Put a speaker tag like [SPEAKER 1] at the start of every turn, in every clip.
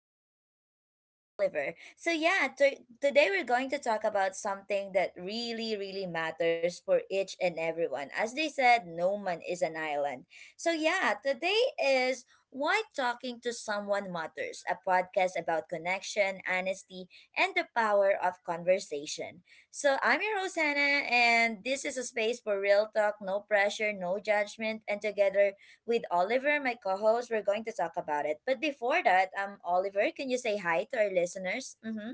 [SPEAKER 1] another podcast with Oliver. So yeah, today we're going to talk about something that really matters for each and everyone. As they said, no man is an island. So yeah, today is why talking to someone matters, a podcast about connection, honesty, and the power of conversation. So I'm your host Hannah, and this is a space for real talk, no pressure, no judgment, and together with Oliver, my co host. We're going to talk about it. But before that, Oliver, can you say hi to our listeners? Mm-hmm.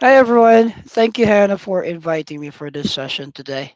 [SPEAKER 2] Hi everyone. Thank you, Hannah, for inviting me for this session today.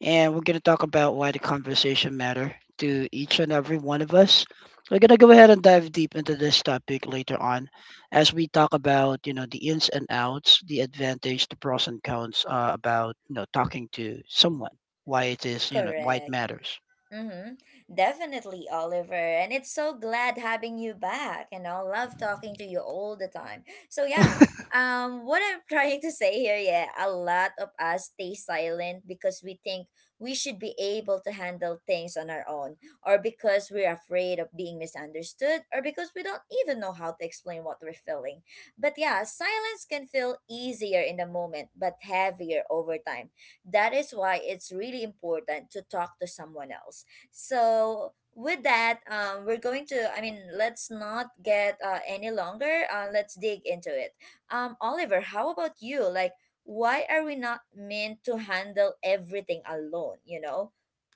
[SPEAKER 2] And we're going to talk about why the conversation matter to each and every one of us. We're going to go ahead and dive deep into this topic later on as we talk about, you know, the ins and outs, the advantage, the pros and cons about, you know, talking to someone, why it is, you know, why it
[SPEAKER 1] correct.
[SPEAKER 2] matters.
[SPEAKER 1] Mm-hmm. Definitely, Oliver. And it's so glad having you back. And I love talking to you all the time. So yeah, what I'm trying to say here, yeah, a lot of us stay silent because we think we should be able to handle things on our own, or because we're afraid of being misunderstood, or because we don't even know how to explain what we're feeling. But yeah, silence can feel easier in the moment, but heavier over time. That is why it's really important to talk to someone else. So with that, we're going to. I mean, let's not get any longer. Let's dig into it. Oliver, how about you? Like, why are we not meant to handle everything alone? You know.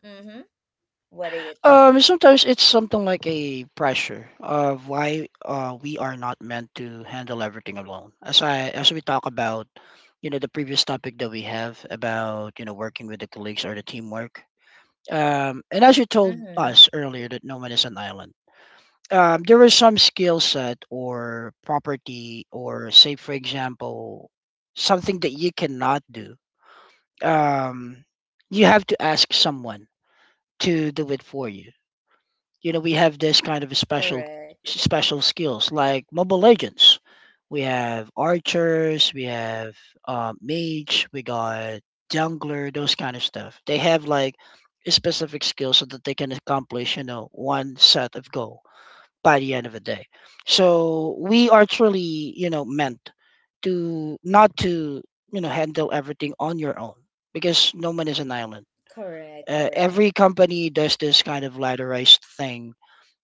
[SPEAKER 1] Mm-hmm. What do you think?
[SPEAKER 2] Sometimes it's something like a pressure of why we are not meant to handle everything alone. As we talk about, you know, the previous topic that we have about you know working with the colleagues or the teamwork. And as you told
[SPEAKER 1] Mm-hmm.
[SPEAKER 2] us earlier, that no man is an island. There is some skill set or property or say, for example, something that you cannot do. Um, you have to ask someone to do it for you. You know, we have this kind of a special
[SPEAKER 1] Correct.
[SPEAKER 2] special skills like mobile legends. We have archers, we have mage, we got jungler, those kind of stuff. They have like a specific skill so that they can accomplish, you know, one set of goal by the end of the day. So we are truly, you know, meant to not to, you know, handle everything on your own because no man is an island.
[SPEAKER 1] Correct.
[SPEAKER 2] Every
[SPEAKER 1] Correct.
[SPEAKER 2] company does this kind of ladderized thing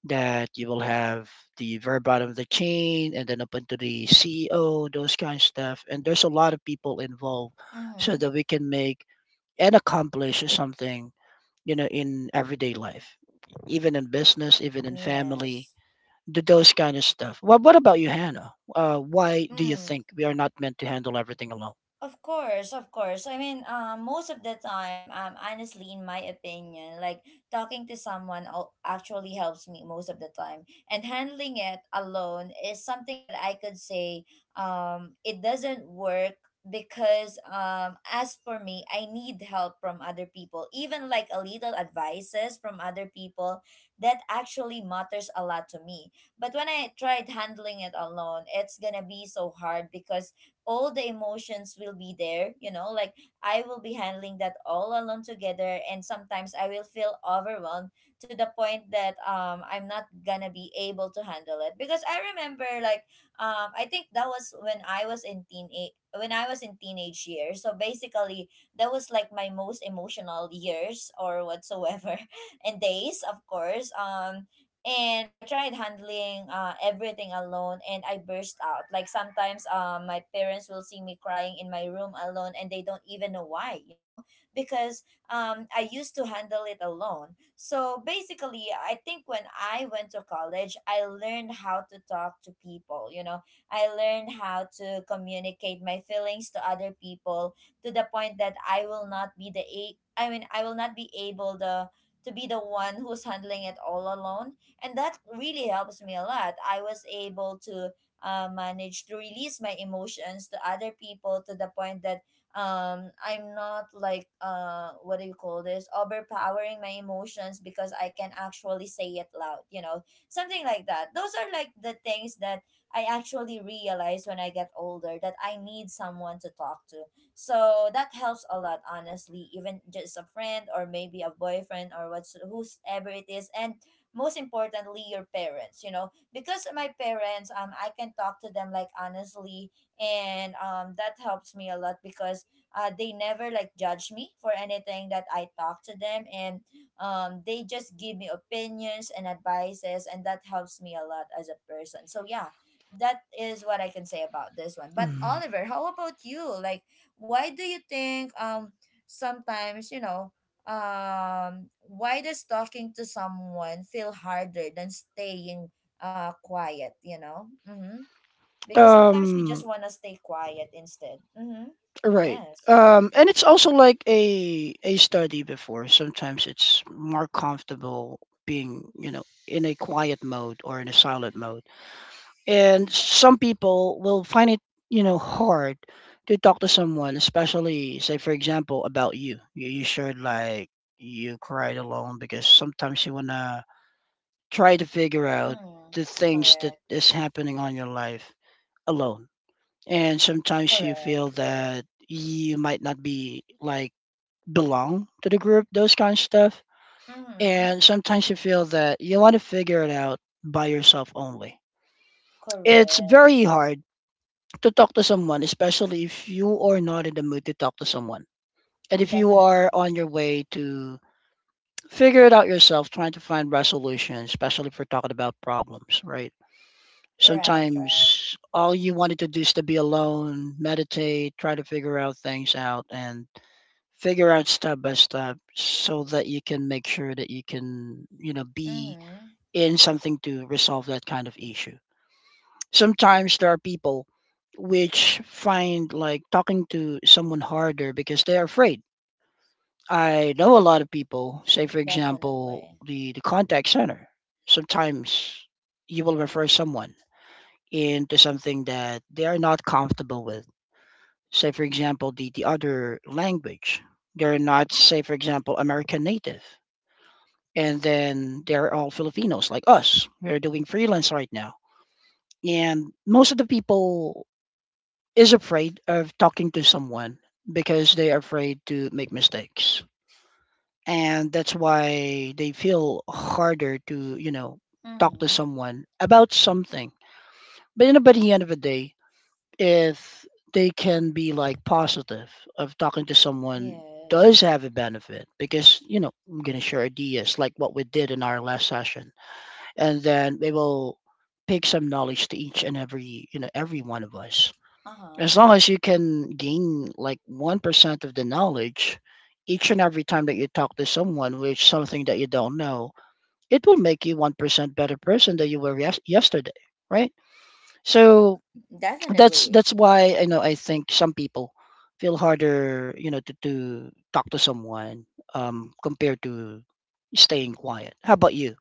[SPEAKER 2] that you will have the very bottom of the chain and then up into the CEO, those kind of stuff. And there's a lot of people involved so
[SPEAKER 1] Mm-hmm.
[SPEAKER 2] that we can make and accomplish something, you know, in everyday life, even in business, even in family,
[SPEAKER 1] Yes.
[SPEAKER 2] do those kind of stuff. Well, what about you, Hannah? Why do you
[SPEAKER 1] Mm.
[SPEAKER 2] think we are not meant to handle everything alone?
[SPEAKER 1] Of course, of course. I mean, most of the time, honestly, in my opinion, like talking to someone actually helps me most of the time, and handling it alone is something that I could say, it doesn't work because, as for me, I need help from other people, even like a little advices from other people that actually matters a lot to me. But when I tried handling it alone, it's gonna be so hard because all the emotions will be there, you know, like I will be handling that all alone together, and sometimes I will feel overwhelmed to the point that I'm not gonna be able to handle it. Because I remember like, I think that was when I was in teen when I was in teenage years. So basically, that was like my most emotional years or whatsoever and days, of course. And I tried handling everything alone, and I burst out. Like sometimes my parents will see me crying in my room alone, and they don't even know why, you know, because I used to handle it alone. So basically, I think when I went to college, I learned how to talk to people, you know, I learned how to communicate my feelings to other people to the point that I mean, I will not be able the to be the one who's handling it all alone. And that really helps me a lot. I was able to manage to release my emotions to other people, to the point that I'm not like what do you call this, overpowering my emotions, because I can actually say it loud, you know, something like that. Those are like the things that I actually realize when I get older, that I need someone to talk to. So that helps a lot, honestly, even just a friend or maybe a boyfriend or what's whoever it is, and most importantly your parents, you know, because my parents, I can talk to them like honestly, and that helps me a lot because they never like judge me for anything that I talk to them. And they just give me opinions and advices, and that helps me a lot as a person. So yeah, that is what I can say about this one. But
[SPEAKER 2] Mhm.
[SPEAKER 1] Oliver, how about you? Like, why do you think sometimes, you know, why does talking to someone feel harder than staying quiet, you know? Mm-hmm. Because sometimes you just
[SPEAKER 2] Um,
[SPEAKER 1] want to stay quiet instead. Mm-hmm.
[SPEAKER 2] Right.
[SPEAKER 1] Yes.
[SPEAKER 2] And it's also like a study before. Sometimes it's more comfortable being, you know, in a quiet mode or in a silent mode. And some people will find it, you know, hard to talk to someone, especially say for example about you. You shared like you cried alone because sometimes you wanna try to figure out
[SPEAKER 1] Mm,
[SPEAKER 2] the things that
[SPEAKER 1] correct,
[SPEAKER 2] is happening on your life alone, and sometimes you feel
[SPEAKER 1] correct.
[SPEAKER 2] that you might not be like belong to the group, those kind of stuff.
[SPEAKER 1] Mm-hmm.
[SPEAKER 2] And sometimes you feel that you want to figure it out by yourself only. It's very
[SPEAKER 1] Correct.
[SPEAKER 2] hard to talk to someone, especially if you are not in the mood to talk to someone, and if you are
[SPEAKER 1] Definitely.
[SPEAKER 2] on your way to figure it out yourself, trying to find resolutions, especially if we're talking about problems, right?
[SPEAKER 1] Right, right.
[SPEAKER 2] Sometimes all you wanted to do is to be alone, meditate, try to figure out things out, and figure out step by step so that you can make sure that you can, you know, be
[SPEAKER 1] Mm-hmm.
[SPEAKER 2] in something to resolve that kind of issue. Sometimes there are people which find like talking to someone harder because they're afraid. I know a lot of people, say for example
[SPEAKER 1] Definitely.
[SPEAKER 2] the contact center. Sometimes you will refer someone into something that they are not comfortable with. Say for example the other language, they're not say for example American native, and then they're all Filipinos like us. We're doing freelance right now. And most of the people is afraid of talking to someone because they are afraid to make mistakes. And that's why they feel harder to, you know, talk to
[SPEAKER 1] Mm-hmm.
[SPEAKER 2] someone about something. But you know, by the end of the day, if they can be like positive of talking to someone, does
[SPEAKER 1] Yes.
[SPEAKER 2] have a benefit because you know I'm gonna share ideas like what we did in our last session, and then they will pick some knowledge to each and every, you know, every one of us. As
[SPEAKER 1] Uh-huh.
[SPEAKER 2] long as you can gain like 1% of the knowledge each and every time that you talk to someone with something that you don't know, it will make you 1% better person than you were yesterday, right? So
[SPEAKER 1] Definitely.
[SPEAKER 2] that's why I know I think some people feel harder, you know, to talk to someone compared to staying quiet. How about you?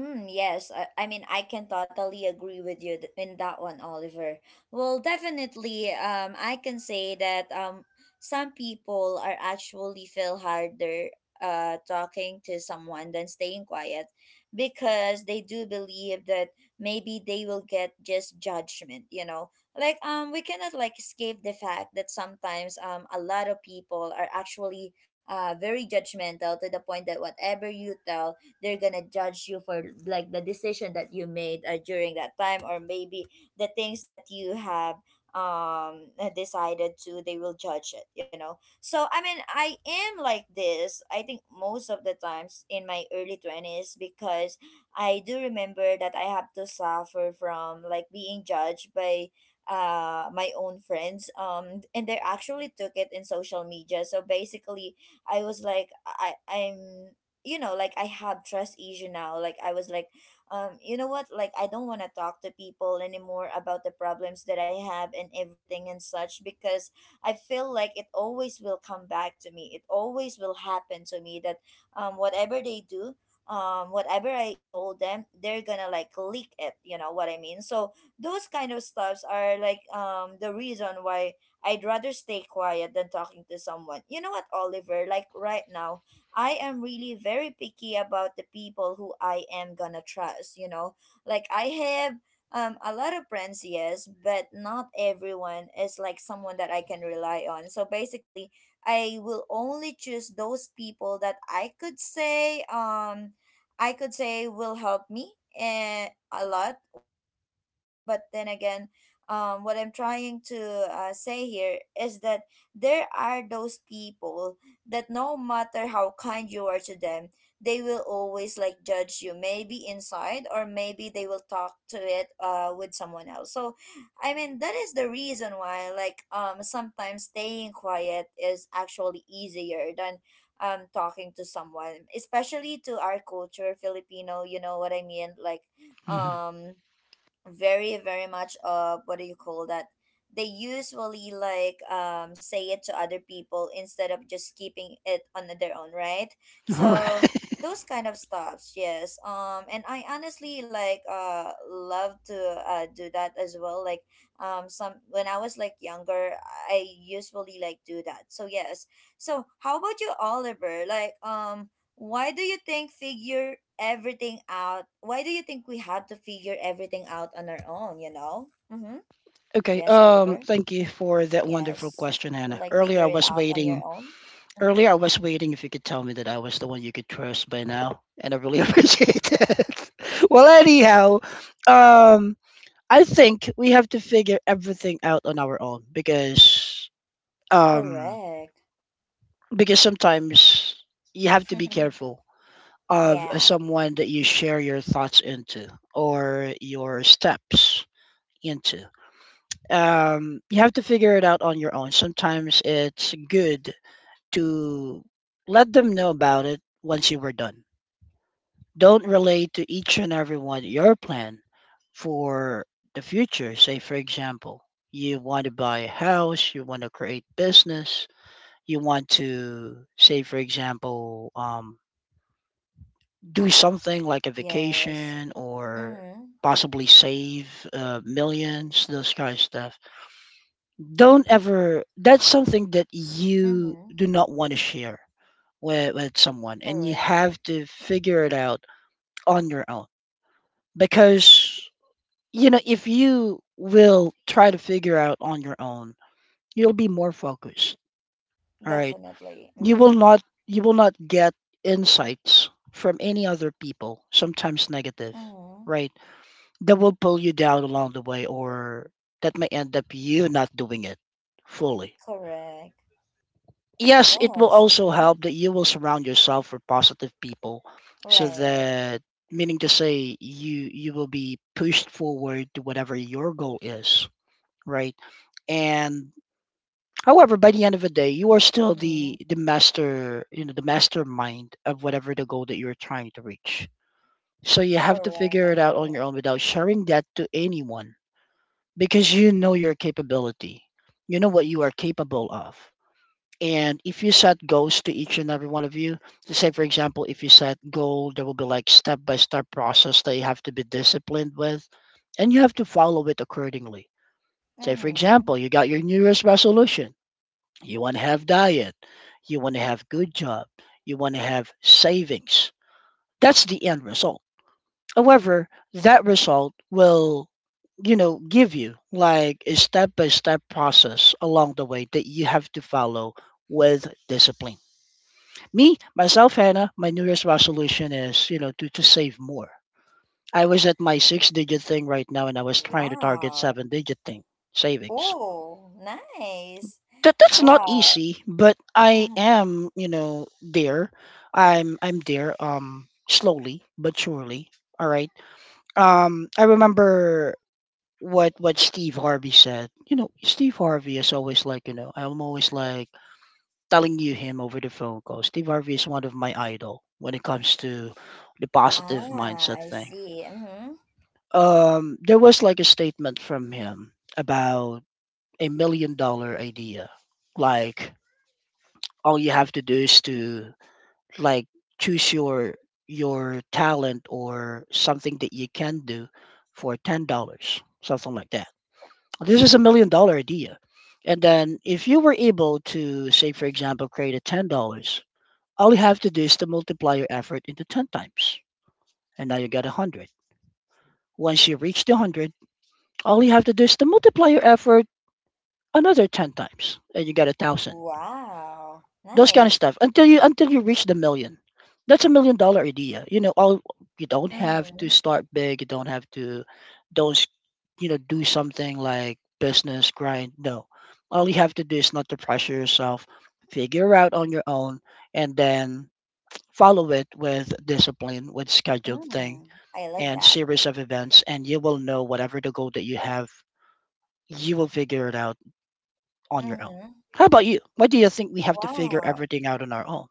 [SPEAKER 1] Mm, yes, I mean I can totally agree with you in that one, Oliver. Well, definitely, I can say that some people are actually feel harder talking to someone than staying quiet, because they do believe that maybe they will get just judgment. You know, like we cannot like escape the fact that sometimes a lot of people are actually very judgmental, to the point that whatever you tell, they're gonna judge you for like the decision that you made during that time, or maybe the things that you have um decided to, they will judge it, you know. So I mean, I am like this, I think, most of the times in my early 20s, because I do remember that I have to suffer from like being judged by my own friends. And they actually took it in social media. So basically, I was like I I'm you know like I have trust issue now. Like I was like, you know what, like I don't want to talk to people anymore about the problems that I have and everything and such, because I feel like it always will come back to me, it always will happen to me, that whatever they do, whatever I told them, they're gonna like leak it, you know what I mean. So those kind of stuffs are like the reason why I'd rather stay quiet than talking to someone, you know what, Oliver. Like right now, I am really very picky about the people who I am gonna trust, you know. Like I have a lot of friends, yes, but not everyone is like someone that I can rely on. So basically, I will only choose those people that I could say will help me and a lot when it comes to that one. But then again, what I'm trying to say here is that there are those people that no matter how kind you are to them, they will always like judge you, maybe inside, or maybe they will talk to it with someone else. So I mean, that is the reason why like sometimes staying quiet is actually easier than talking to someone, especially to our culture, Filipino, you know what I mean. Like
[SPEAKER 2] Mhm.
[SPEAKER 1] um very much of what do you call that, they usually like say it to other people instead of just keeping it on their own, right?
[SPEAKER 2] All
[SPEAKER 1] So
[SPEAKER 2] right.
[SPEAKER 1] those kind of stuffs, yes. And I honestly like love to do that as well. Like some when I was like younger, I usually like do that. So yes, so how about you, Oliver? Like why do you think figure everything out? Why do you think we had to figure everything out on our own, you know? Mm-hmm.
[SPEAKER 2] Okay.
[SPEAKER 1] Yes, Oliver.
[SPEAKER 2] Thank you for that wonderful
[SPEAKER 1] Yes.
[SPEAKER 2] question, Hannah.
[SPEAKER 1] Like figure it out on your own. Mm-hmm.
[SPEAKER 2] Earlier I was waiting if you could tell me that I was the one you could trust by now, and I really appreciate it. Well, anyhow, um, I think we have to figure everything out on our own because um,
[SPEAKER 1] Correct.
[SPEAKER 2] sometimes you have to be careful of
[SPEAKER 1] Yeah.
[SPEAKER 2] someone that you share your thoughts into, or your steps into. You have to figure it out on your own. Sometimes it's good to let them know about it once you were done. Don't relate to each and every one your plan for the future. Say, for example, you want to buy a house, you want to create business, you want to, say, for example, do something like a
[SPEAKER 1] Yes.
[SPEAKER 2] vacation or
[SPEAKER 1] Mm-hmm.
[SPEAKER 2] possibly save millions, those kind of stuff. Don't ever, that's something that you
[SPEAKER 1] Mm-hmm.
[SPEAKER 2] do not want to share with someone, and you
[SPEAKER 1] Correct.
[SPEAKER 2] have to figure it out on your own. Because you know if you will try to figure out on your own, you'll be more focused, all right?
[SPEAKER 1] Definitely.
[SPEAKER 2] You will
[SPEAKER 1] Mm-hmm.
[SPEAKER 2] not, you will not get insights from any other people, sometimes negative,
[SPEAKER 1] Mm-hmm.
[SPEAKER 2] right, that will pull you down along the way, or that may end up you not doing it fully.
[SPEAKER 1] Correct.
[SPEAKER 2] Yes, it will
[SPEAKER 1] Yes.
[SPEAKER 2] also
[SPEAKER 1] Mm-hmm.
[SPEAKER 2] help that you will surround yourself with positive people, so
[SPEAKER 1] Right.
[SPEAKER 2] that, meaning to say, you will be pushed forward to whatever your goal is, right? And however, by the end of the day, you are still
[SPEAKER 1] Mm-hmm.
[SPEAKER 2] the master, you know, the mastermind of whatever the goal that you're trying to reach. So you have to
[SPEAKER 1] Correct.
[SPEAKER 2] figure it out
[SPEAKER 1] Correct.
[SPEAKER 2] on your own without sharing that to anyone because you know your capability. You know what you are capable of. And if you set goals to each and every one of you, to say for example, if you set goal, there will be like step by step process that you have to be disciplined with, and you have to follow it accordingly. Say for
[SPEAKER 1] Mm-hmm.
[SPEAKER 2] example, you got your New Year's resolution. You want to have diet. You want to have good job. You want to have savings. That's the end result. However, that result will, you know, give you like a step by step process along the way that you have to follow with discipline. Me, myself, Hannah, my New Year's resolution is, you know, to save more. I was at my six digit thing right now, and I was trying to target
[SPEAKER 1] Wow.
[SPEAKER 2] seven digit thing, savings.
[SPEAKER 1] Oh, nice.
[SPEAKER 2] That, that's not
[SPEAKER 1] Wow.
[SPEAKER 2] easy, but I
[SPEAKER 1] Mhm.
[SPEAKER 2] am, you know, there. I'm there, slowly but surely. All right. I remember what Steve Harvey said. You know, Steve Harvey is always like, you know, I'm always like telling you him over the phone call. Steve Harvey is one of my idol when it comes to the positive
[SPEAKER 1] Ah,
[SPEAKER 2] mindset
[SPEAKER 1] I
[SPEAKER 2] thing.
[SPEAKER 1] see. Mm-hmm.
[SPEAKER 2] There was like a statement from him about a $1 million idea. Like all you have to do is to like choose your talent or something that you can do for $10, something like that. This is a $1 million idea. And then if you were able to say for example create a $10. All you have to do is to multiply your effort into 10 times, and now you get 100. Once you reach the 100, all you have to do is to multiply your effort another 10 times, and you get a 1,000.
[SPEAKER 1] Wow.
[SPEAKER 2] Those kind of
[SPEAKER 1] Nice.
[SPEAKER 2] stuff until you reach the million. That's a $1 million idea. You know, all, you don't have to
[SPEAKER 1] Mm-hmm.
[SPEAKER 2] start big, you don't have to don't s- you know do something like business grind. No. All you have to do is not to pressure yourself, figure out on your own, and then follow it with discipline, with scheduled thing
[SPEAKER 1] Mm. I love
[SPEAKER 2] and
[SPEAKER 1] that.
[SPEAKER 2] series of events, and you will know whatever the goal that you have, you will figure it out on your own.
[SPEAKER 1] Mm-hmm.
[SPEAKER 2] How about you? Why do you think we have to figure
[SPEAKER 1] Wow.
[SPEAKER 2] everything out on our own?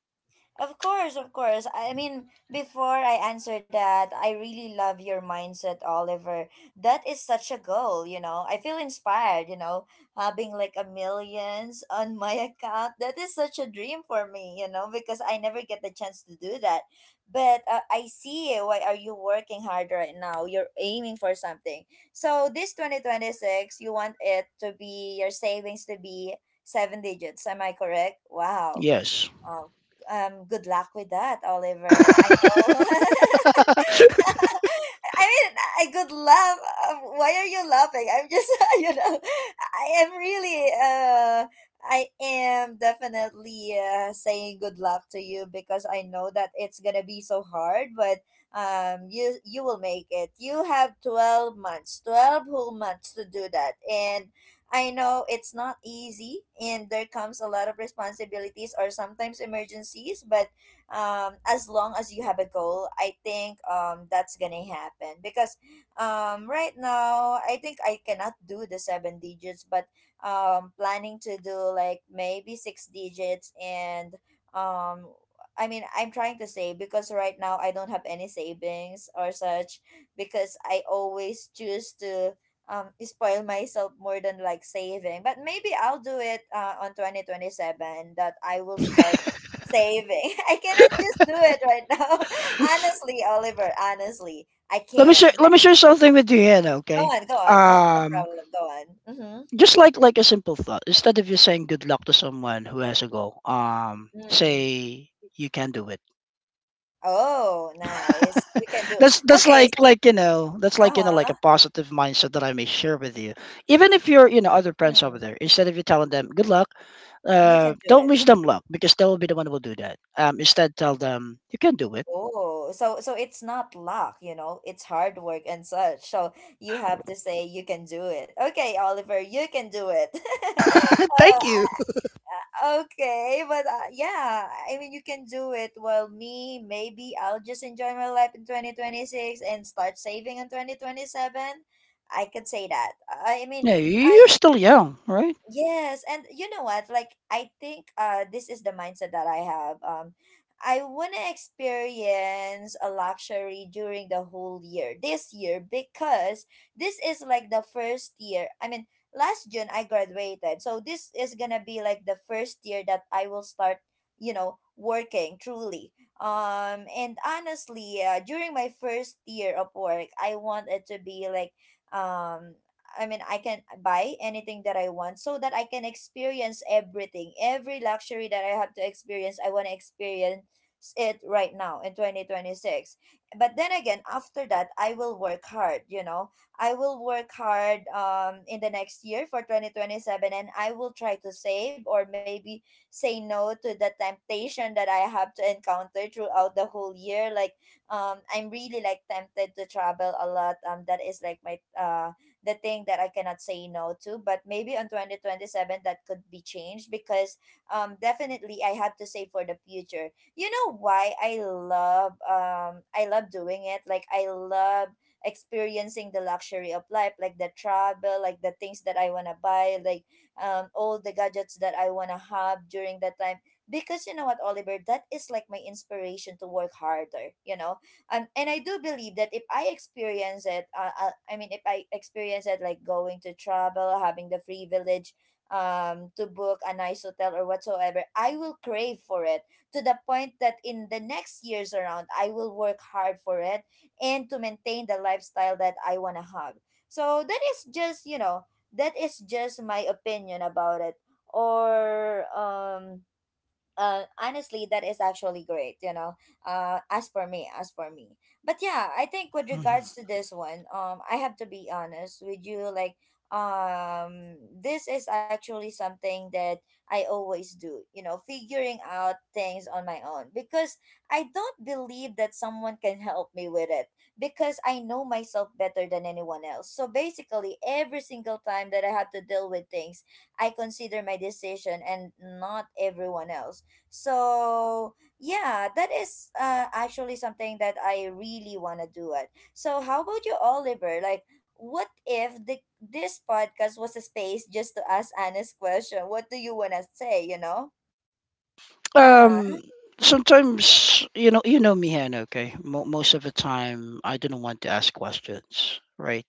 [SPEAKER 1] Of course, of course. I mean, before I answer that, I really love your mindset, Oliver. That is such a goal, you know. I feel inspired, you know, having like a millions on my account. That is such a dream for me, you know, because I never get the chance to do that. But I see, why are you working hard right now? You're aiming for something. So this 2026, you want it to be your savings to be seven digits. Am I correct? Wow.
[SPEAKER 2] Yes.
[SPEAKER 1] Oh, good luck with that, Oliver. I know. I mean, I good laugh. Why are you laughing? I'm just, you know, I am really, I am definitely saying good luck to you, because I know that it's gonna be so hard, but you you will make it. You have 12 months, 12 whole months to do that, and I know it's not easy, and there comes a lot of responsibilities or sometimes emergencies, but as long as you have a goal, I think that's gonna happen. Because right now I think I cannot do the seven digits, but planning to do like maybe six digits, and um I mean, I'm trying to save because right now I don't have any savings or such, because I always choose to spoil myself more than like saving. But maybe I'll do it on 2027, that I will start saving. I cannot just do it right now. Honestly, Oliver, honestly, I
[SPEAKER 2] Let me
[SPEAKER 1] can't.
[SPEAKER 2] share, let me share something with you, Ian,
[SPEAKER 1] Go
[SPEAKER 2] okay?
[SPEAKER 1] on, go on. No, no
[SPEAKER 2] um
[SPEAKER 1] problem. Go on.
[SPEAKER 2] just like a simple thought, instead of you saying good luck to someone who has a goal,
[SPEAKER 1] Mm-hmm. Mm.
[SPEAKER 2] say you can do it.
[SPEAKER 1] Oh, nice. You can do.
[SPEAKER 2] That's
[SPEAKER 1] Okay,
[SPEAKER 2] like
[SPEAKER 1] so,
[SPEAKER 2] like you know, that's like, you know, like a
[SPEAKER 1] uh-huh.
[SPEAKER 2] positive mindset that I may share with you. Even if you're other friends over
[SPEAKER 1] Mm.
[SPEAKER 2] there, instead of you telling them good luck,
[SPEAKER 1] You can do
[SPEAKER 2] don't
[SPEAKER 1] it.
[SPEAKER 2] wish them luck because they will be the one who will do that. Instead tell them you can do it.
[SPEAKER 1] Oh, so it's not luck, you know. It's hard work and such. So you have to say you can do it. Okay, Oliver, you can do it.
[SPEAKER 2] Thank you.
[SPEAKER 1] Okay, but yeah, I mean, you can do it. While me, maybe I'll just enjoy my life in 2026 and start saving in 2027. I could say that. I mean,
[SPEAKER 2] Yeah,
[SPEAKER 1] I
[SPEAKER 2] you're still young, right?
[SPEAKER 1] Yes, and you know what? Like I think this is the mindset that I have. I want to experience a luxury during the whole year this year, because this is like the first year. I mean, last June I graduated. So this is going to be like the first year that I will start, working truly. And honestly, during my first year of work, I want it to be like um I mean, I can buy anything that I want so that I can experience everything. Every luxury that I have to experience, I want to experience it right now in 2026. But then again, after that, I will work hard. I will work hard in the next year for 2027, and I will try to save, or maybe say no to the temptation that I have to encounter throughout the whole year. Like I'm really like tempted to travel a lot. That is like my the thing that I cannot say no to. But maybe on 2027 that could be changed, because definitely I have to say for the future. You know why I love doing it. Like I love experiencing the luxury of life, like the travel, like the things that I wanna buy, like all the gadgets that I wanna have during that time. Because you know what, Oliver, that is like my inspiration to work harder, you know? And I do believe that if I experience it, I mean, if I experience it, like going to travel, having the privilege to book a nice hotel or whatsoever, I will crave for it to the point that in the next years around, I will work hard for it, and to maintain the lifestyle that I wanna have. So that is just my opinion about it. Or, honestly, that is actually great. As for me, as for me. But yeah, I think with
[SPEAKER 2] Mhm.
[SPEAKER 1] regards to this one, I have to be honest with you. Like, this is actually something that I always do. You know, figuring out things on my own, because I don't believe that someone can help me with it, because I know myself better than anyone else. So basically, every single time that I have to deal with things, I consider my decision and not everyone else. So yeah, that is actually something that I really want to do it. So how about you, Oliver? Like, what if the this podcast was a space just to ask honest question? What do you want to say? You know? Uh huh.
[SPEAKER 2] Um, Sometimes you know me, Han. Okay, most of the time I do not want to ask questions, right?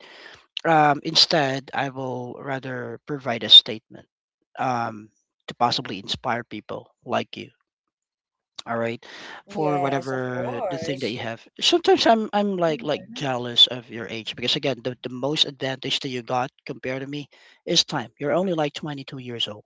[SPEAKER 2] Instead, I will rather provide a statement um, to possibly inspire people like you. All right, for
[SPEAKER 1] Yes, of
[SPEAKER 2] whatever the thing that
[SPEAKER 1] course.
[SPEAKER 2] you have. Sometimes I'm like
[SPEAKER 1] Mm-hmm.
[SPEAKER 2] jealous of your age because again, the most advantage that you got compared to me is time. You're only like 22 years old.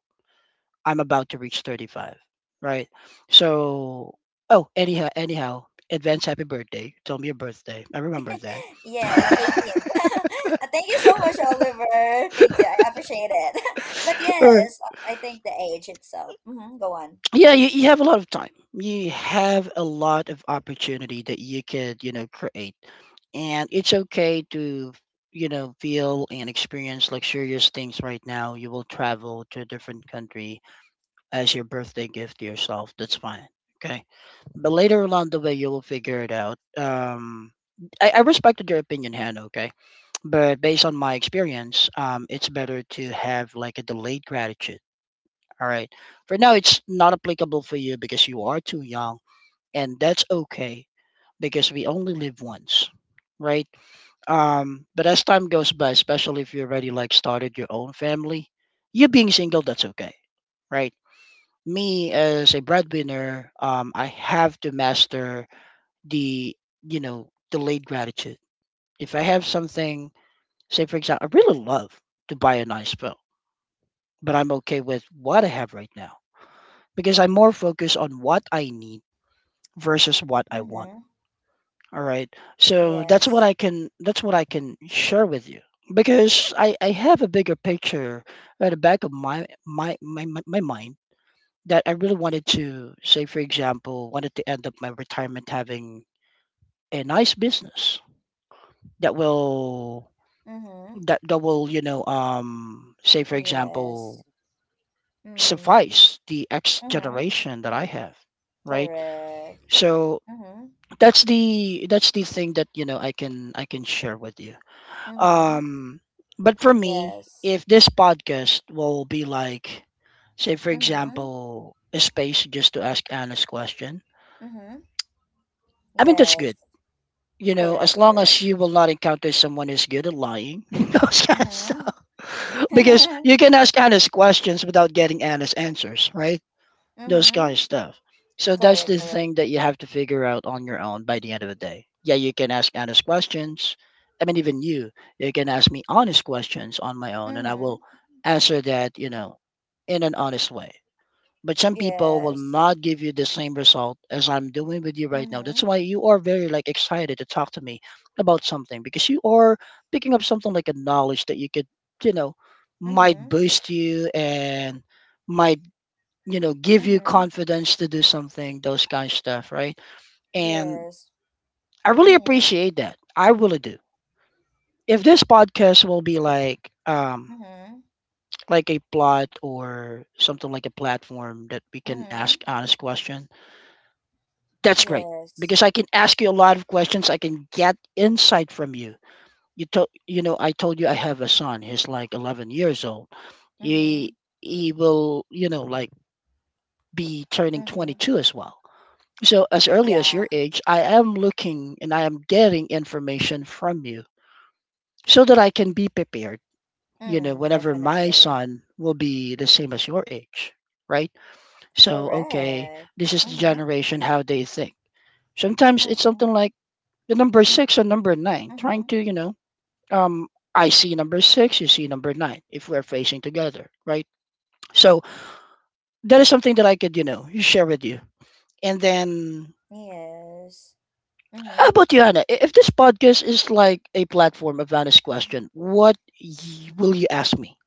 [SPEAKER 2] I'm about to reach 35, right? So anyhow, advance happy birthday. Tell me your birthday. I remember that.
[SPEAKER 1] Yes, 18th. Thank you so much, Oliver. Thank you. I appreciate it. But yes, I think the age itself. Mm-hmm. Go on.
[SPEAKER 2] Yeah, you have a lot of time. You have a lot of opportunity that you could, create. And it's okay to, feel and experience luxurious things right now. You will travel to a different country as your birthday gift to yourself. That's fine. Okay. But later along the way, you will figure it out. I respected your opinion, Hannah, okay? But based on my experience, it's better to have like a delayed gratitude all right. For now, it's not applicable for you because you are too young, and that's okay because we only live once, right? But as time goes by, especially if you already like started your own family, you being single, that's okay, right? Me as a breadwinner, I have to master the delayed gratitude. If I have something, say for example, I really love to buy a nice phone, but I'm okay with what I have right now because I'm more focused on what I need versus what I want.
[SPEAKER 1] Mm-hmm.
[SPEAKER 2] All right. So
[SPEAKER 1] Yes.
[SPEAKER 2] that's what I can share with you because I have a bigger picture at the back of my mind that I really wanted to say for example wanted to end up my retirement having a nice business that will
[SPEAKER 1] Mm-hmm.
[SPEAKER 2] that will say for example
[SPEAKER 1] Yes. Mm.
[SPEAKER 2] suffice the X
[SPEAKER 1] Mm-hmm.
[SPEAKER 2] generation that I have right
[SPEAKER 1] Correct.
[SPEAKER 2] so
[SPEAKER 1] Mm-hmm.
[SPEAKER 2] that's the thing that I can share with you
[SPEAKER 1] Mm-hmm.
[SPEAKER 2] um but for me
[SPEAKER 1] Yes.
[SPEAKER 2] if this podcast will be like say for
[SPEAKER 1] Mm-hmm.
[SPEAKER 2] example a space just to ask honest question
[SPEAKER 1] Mm-hmm.
[SPEAKER 2] I mean that's
[SPEAKER 1] Yes.
[SPEAKER 2] good you know as
[SPEAKER 1] Correct.
[SPEAKER 2] long
[SPEAKER 1] Correct.
[SPEAKER 2] as you will not encounter someone who's good at lying those kind of stuff.
[SPEAKER 1] Mm-hmm.
[SPEAKER 2] Because you can ask honest questions without getting honest answers, right? Those
[SPEAKER 1] Mm-hmm.
[SPEAKER 2] kind of stuff. So that's the
[SPEAKER 1] Correct. Correct.
[SPEAKER 2] thing that you have to figure out on your own by the end of the day. Yeah, you can ask honest questions. I mean, even you, you can ask me honest questions on my own, and I will
[SPEAKER 1] Mm-hmm.
[SPEAKER 2] answer that, in an honest way. But some people will
[SPEAKER 1] Yes.
[SPEAKER 2] not give you the same result as I'm doing with you right now.
[SPEAKER 1] Mm-hmm.
[SPEAKER 2] That's why you are very like excited to talk to me about something because you are picking up something like a knowledge that you could, you know, might
[SPEAKER 1] Mm-hmm.
[SPEAKER 2] boost you and might give you
[SPEAKER 1] Mm-hmm.
[SPEAKER 2] confidence to do something, those kind of stuff, right? And
[SPEAKER 1] Yes.
[SPEAKER 2] I really
[SPEAKER 1] Mm-hmm.
[SPEAKER 2] appreciate that, I really do. If this podcast will be
[SPEAKER 1] Mm-hmm.
[SPEAKER 2] like a plot or something, like a platform that we can
[SPEAKER 1] Mm-hmm.
[SPEAKER 2] ask honest question, that's great,
[SPEAKER 1] Yes.
[SPEAKER 2] because I can ask you a lot of questions, I can get insight from you. You told I told you I have a son, he's like 11 years old.
[SPEAKER 1] Mm-hmm.
[SPEAKER 2] he he will like be turning
[SPEAKER 1] Mm-hmm.
[SPEAKER 2] 22 as well. So, as early as
[SPEAKER 1] Yeah.
[SPEAKER 2] your age, I am looking and I am getting information from you so that I can be prepared,
[SPEAKER 1] Mm,
[SPEAKER 2] whenever my
[SPEAKER 1] definitely.
[SPEAKER 2] son will be the same as your age, right? So, okay,
[SPEAKER 1] Correct.
[SPEAKER 2] this is the
[SPEAKER 1] Mm-hmm.
[SPEAKER 2] generation, how they think. Sometimes it's
[SPEAKER 1] Mm-hmm.
[SPEAKER 2] something like the number six or number nine, trying
[SPEAKER 1] Mm-hmm.
[SPEAKER 2] to, um, I see number six, you see number nine, if we're facing together, right? So, that is something that I could, share with you. And then
[SPEAKER 1] Yes.
[SPEAKER 2] how
[SPEAKER 1] Mm-hmm.
[SPEAKER 2] about you, Anna? If this podcast is like a platform of honest question, will you ask me?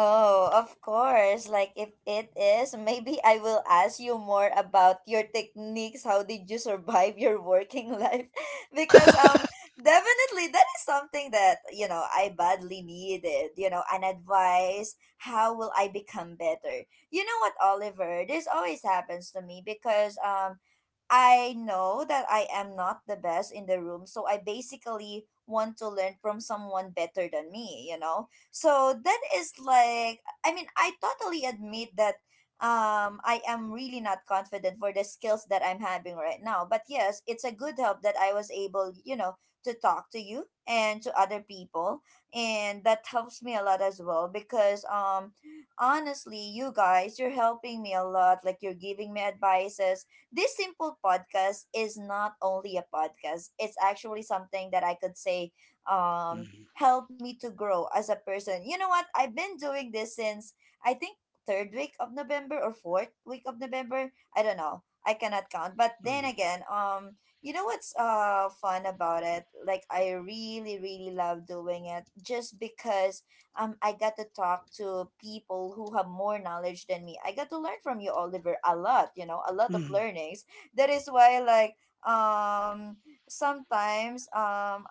[SPEAKER 1] Oh, of course. Like if it is, maybe I will ask you more about your techniques. How did you survive your working life? Because definitely that is something that, I badly needed, an advice. How will I become better? You know what, Oliver? This always happens to me because I know that I am not the best in the room, so I basically want to learn from someone better than me, you know? So that is like, I mean, I totally admit that I am really not confident for the skills that I'm having right now. But yes, it's a good help that I was able, to talk to you and to other people. And that helps me a lot as well, because, honestly, you guys, you're helping me a lot. Like, you're giving me advices. This simple podcast is not only a podcast, it's actually something that I could say
[SPEAKER 2] Mhm,
[SPEAKER 1] helped me to grow as a person. You know what? I've been doing this since, I think, third week of November or fourth week of November. I don't know. I cannot count. But then
[SPEAKER 2] mhm,
[SPEAKER 1] again, you know what's fun about it? Like I really, really love doing it, just because I got to talk to people who have more knowledge than me. I got to learn from you, Oliver, a lot, a lot of
[SPEAKER 2] mhm,
[SPEAKER 1] learnings. That is why, like, um, sometimes,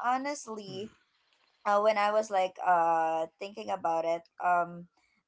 [SPEAKER 2] mhm.
[SPEAKER 1] honestly, when I was like thinking about it,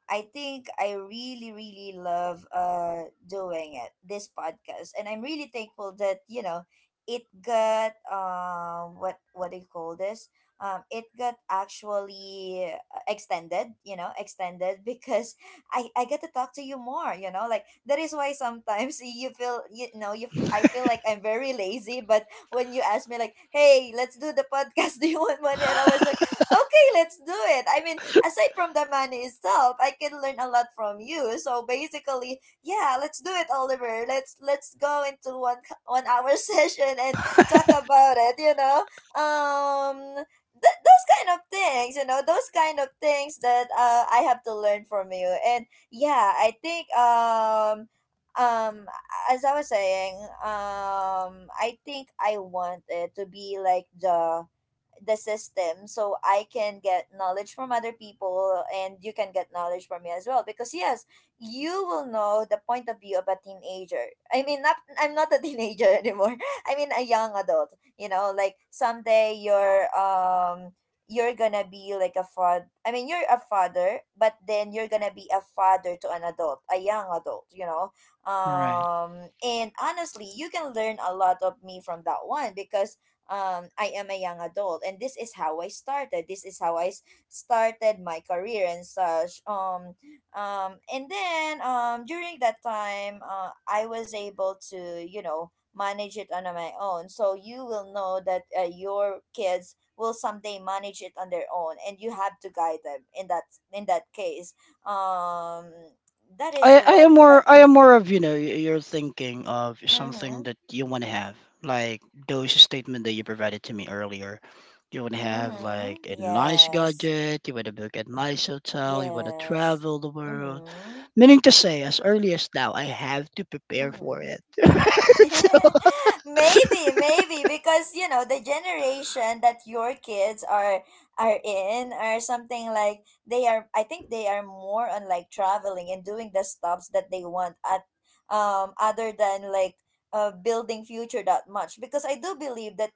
[SPEAKER 1] I think I really really love doing it, this podcast, and I'm really thankful that it got what do you call this, it got actually extended you know extended because I get to talk to you more, you know, like, that is why sometimes you feel you know you f- I feel like I'm very lazy, but when you asked me like, hey, let's do the podcast, do you want money, and I was like, okay, let's do it. I mean, aside from the money itself, I can learn a lot from you. So basically, yeah, let's do it, Oliver. Let's go into 1 hour session and talk about it. You know, um. Those kind of things, that I have to learn from you. And yeah, I think um as I was saying, I think I wanted to be like the system, so I can get knowledge from other people, and you can get knowledge from me as well, because yes, you will know the point of view of a teenager. I mean, not, I'm not a teenager anymore. I mean, a young adult. You know, like someday you're gonna be like a father. I mean, you're a father, but then you're gonna be a father to an adult, a young adult, you know.
[SPEAKER 2] Right.
[SPEAKER 1] And honestly, you can learn a lot of me from that one, because I am a young adult, and this is how I started. This is how started my career and such. And then, during that time, I was able to, manage it on my own. So you will know that your kids will someday manage it on their own, and you have to guide them in that case. Um, that is what.
[SPEAKER 2] I am more of you're thinking of something
[SPEAKER 1] Mm-hmm.
[SPEAKER 2] that you want to have like those statement that you provided to me earlier. You want to have
[SPEAKER 1] Mm-hmm.
[SPEAKER 2] like a nice
[SPEAKER 1] Yes.
[SPEAKER 2] gadget. You want to book a nice hotel. You want to
[SPEAKER 1] Yes.
[SPEAKER 2] travel the world.
[SPEAKER 1] Mm-hmm.
[SPEAKER 2] Meaning to say, as early as now, I have to prepare for
[SPEAKER 1] Mm-hmm.
[SPEAKER 2] it. So,
[SPEAKER 1] Maybe because, you know, the generation that your kids are in, or something like they are. I think they are more on like traveling and doing the stops that they want at, other than like building future that much, because I do believe that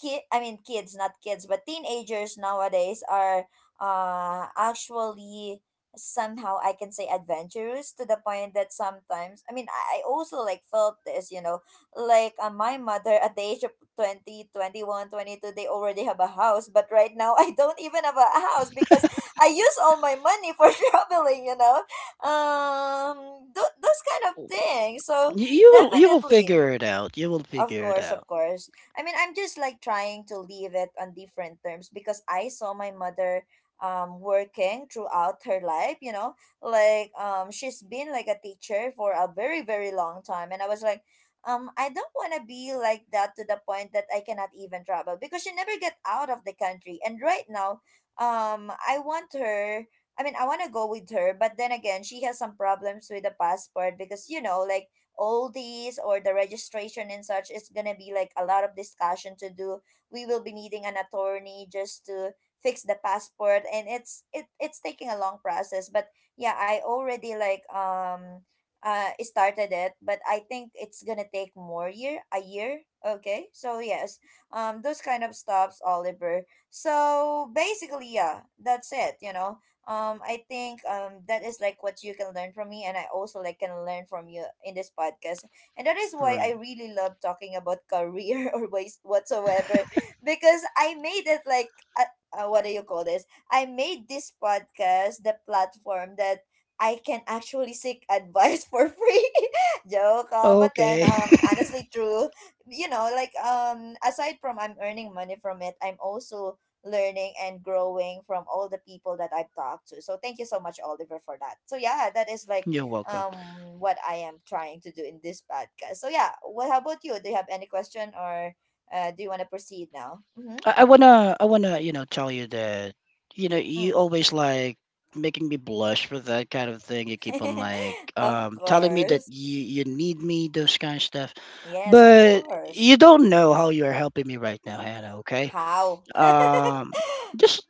[SPEAKER 1] kid I mean kids, not kids, but teenagers nowadays are actually somehow, I can say, adventurous, to the point that sometimes, I mean, I also like felt this, you know, like my mother at the age of 20, 21, 22, they already have a house, but right now I don't even have a house, because I use all my money for traveling, you know. Those kind of things, so.
[SPEAKER 2] You will
[SPEAKER 1] Definitely
[SPEAKER 2] figure it out. You will
[SPEAKER 1] of
[SPEAKER 2] figure it
[SPEAKER 1] course, of
[SPEAKER 2] out.
[SPEAKER 1] course. I mean, I'm just like trying to leave it on different terms because I saw my mother working throughout her life, you know? Like she's been like a teacher for a very very long time and I was like I don't want to be like that to the point that I cannot even travel because she never get out of the country. And right now, I want her. I mean, I want to go with her, but then again, she has some problems with the passport because, you know, like all these or the registration and such, it's gonna be like a lot of discussion to do. We will be needing an attorney just to fix the passport, and it's taking a long process. But yeah, I already like started it, but I think it's gonna take more year a year. Okay, so yes, those kind of stops, Oliver. So basically, yeah, that's it. I think that is like what you can learn from me, and I also like can learn from you in this podcast. And that is why
[SPEAKER 2] Right.
[SPEAKER 1] I really love talking about career or ways whatsoever, because I made it like what do you call this? I made this podcast the platform that I can actually seek advice for free. Joke, but then
[SPEAKER 2] Okay.
[SPEAKER 1] honestly true. Like aside from I'm earning money from it, I'm also learning and growing from all the people that I've talked to. So thank you so much, Oliver, for that. So yeah, that is like
[SPEAKER 2] You're welcome.
[SPEAKER 1] what I am trying to do in this podcast. So yeah, what how about you? Do you have any question, or do you want to proceed now? Mm-hmm.
[SPEAKER 2] I wanna, tell you that, you
[SPEAKER 1] Mm.
[SPEAKER 2] always like making me blush for that kind of thing. You keep on like
[SPEAKER 1] Of
[SPEAKER 2] telling me that
[SPEAKER 1] course.
[SPEAKER 2] you need me, those kind of stuff.
[SPEAKER 1] Yes, of
[SPEAKER 2] But
[SPEAKER 1] course.
[SPEAKER 2] you don't know how you're helping me right now, Hannah, okay?
[SPEAKER 1] How?
[SPEAKER 2] um just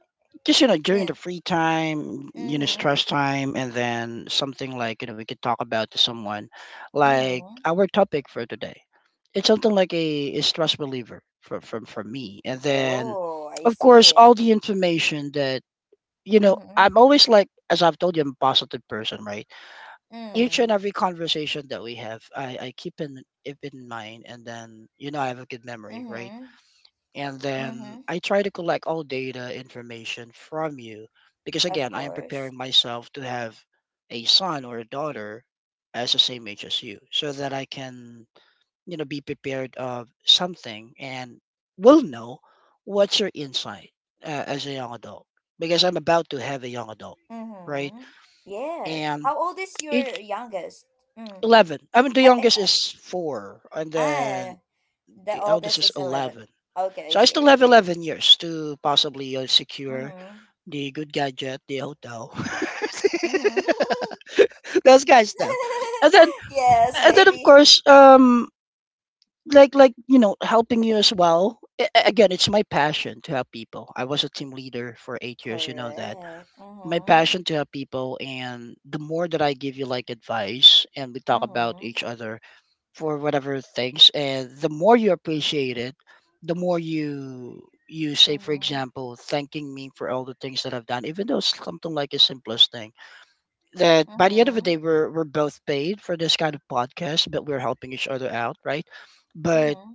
[SPEAKER 2] just you know during
[SPEAKER 1] Yeah.
[SPEAKER 2] the free time, you know,
[SPEAKER 1] Mm-hmm.
[SPEAKER 2] stress time, and then something like, you know, we could talk about to someone like
[SPEAKER 1] Mm-hmm.
[SPEAKER 2] our topic for today. It's something like a stress reliever for, from for me, and then
[SPEAKER 1] Oh, I
[SPEAKER 2] of course
[SPEAKER 1] see.
[SPEAKER 2] all the information that you know.
[SPEAKER 1] Mm-hmm.
[SPEAKER 2] I'm always like, as I've told you, I'm a positive person, right? Each and
[SPEAKER 1] Mm.
[SPEAKER 2] every conversation that we have, I keep in it in mind, and then you know I have a good memory, right?
[SPEAKER 1] Mm-hmm.
[SPEAKER 2] And then
[SPEAKER 1] Mm-hmm.
[SPEAKER 2] I try to collect all data information from you because
[SPEAKER 1] Of
[SPEAKER 2] again, I am
[SPEAKER 1] course.
[SPEAKER 2] preparing myself to have a son or a daughter as the same age as you, so that I can be prepared of something and will know what's your insight, as a young adult, because I'm about to have a young adult, right?
[SPEAKER 1] Mm-hmm. Yes.
[SPEAKER 2] And
[SPEAKER 1] How old is
[SPEAKER 2] each
[SPEAKER 1] your youngest? Mm.
[SPEAKER 2] 11. I mean, the
[SPEAKER 1] I, I,
[SPEAKER 2] youngest is four, and then
[SPEAKER 1] ah, the
[SPEAKER 2] the eldest
[SPEAKER 1] oldest
[SPEAKER 2] is
[SPEAKER 1] is 11.
[SPEAKER 2] 11.
[SPEAKER 1] Okay,
[SPEAKER 2] So
[SPEAKER 1] I
[SPEAKER 2] I
[SPEAKER 1] see,
[SPEAKER 2] still
[SPEAKER 1] I
[SPEAKER 2] have
[SPEAKER 1] see.
[SPEAKER 2] 11 years to possibly secure
[SPEAKER 1] Mm-hmm.
[SPEAKER 2] the good gadget, the hotel.
[SPEAKER 1] Mm-hmm.
[SPEAKER 2] Those guys stuff. And then
[SPEAKER 1] Yes,
[SPEAKER 2] of
[SPEAKER 1] maybe.
[SPEAKER 2] course you know, helping you as well. Again, it's my passion to help people. I was a team leader for 8 years, you know that.
[SPEAKER 1] Correct.
[SPEAKER 2] My
[SPEAKER 1] Mm-hmm.
[SPEAKER 2] passion to help people, and the more that I give you like advice and we talk about
[SPEAKER 1] Mm-hmm.
[SPEAKER 2] each other for whatever things, and the more you appreciate it, the more you say for
[SPEAKER 1] Mm-hmm.
[SPEAKER 2] example thanking me for all the things that I've done, even though it's something like the simplest thing, that by the end of the
[SPEAKER 1] Mm-hmm.
[SPEAKER 2] day we're both paid for this kind of podcast, but we're helping each other out, right? But
[SPEAKER 1] Mm-hmm.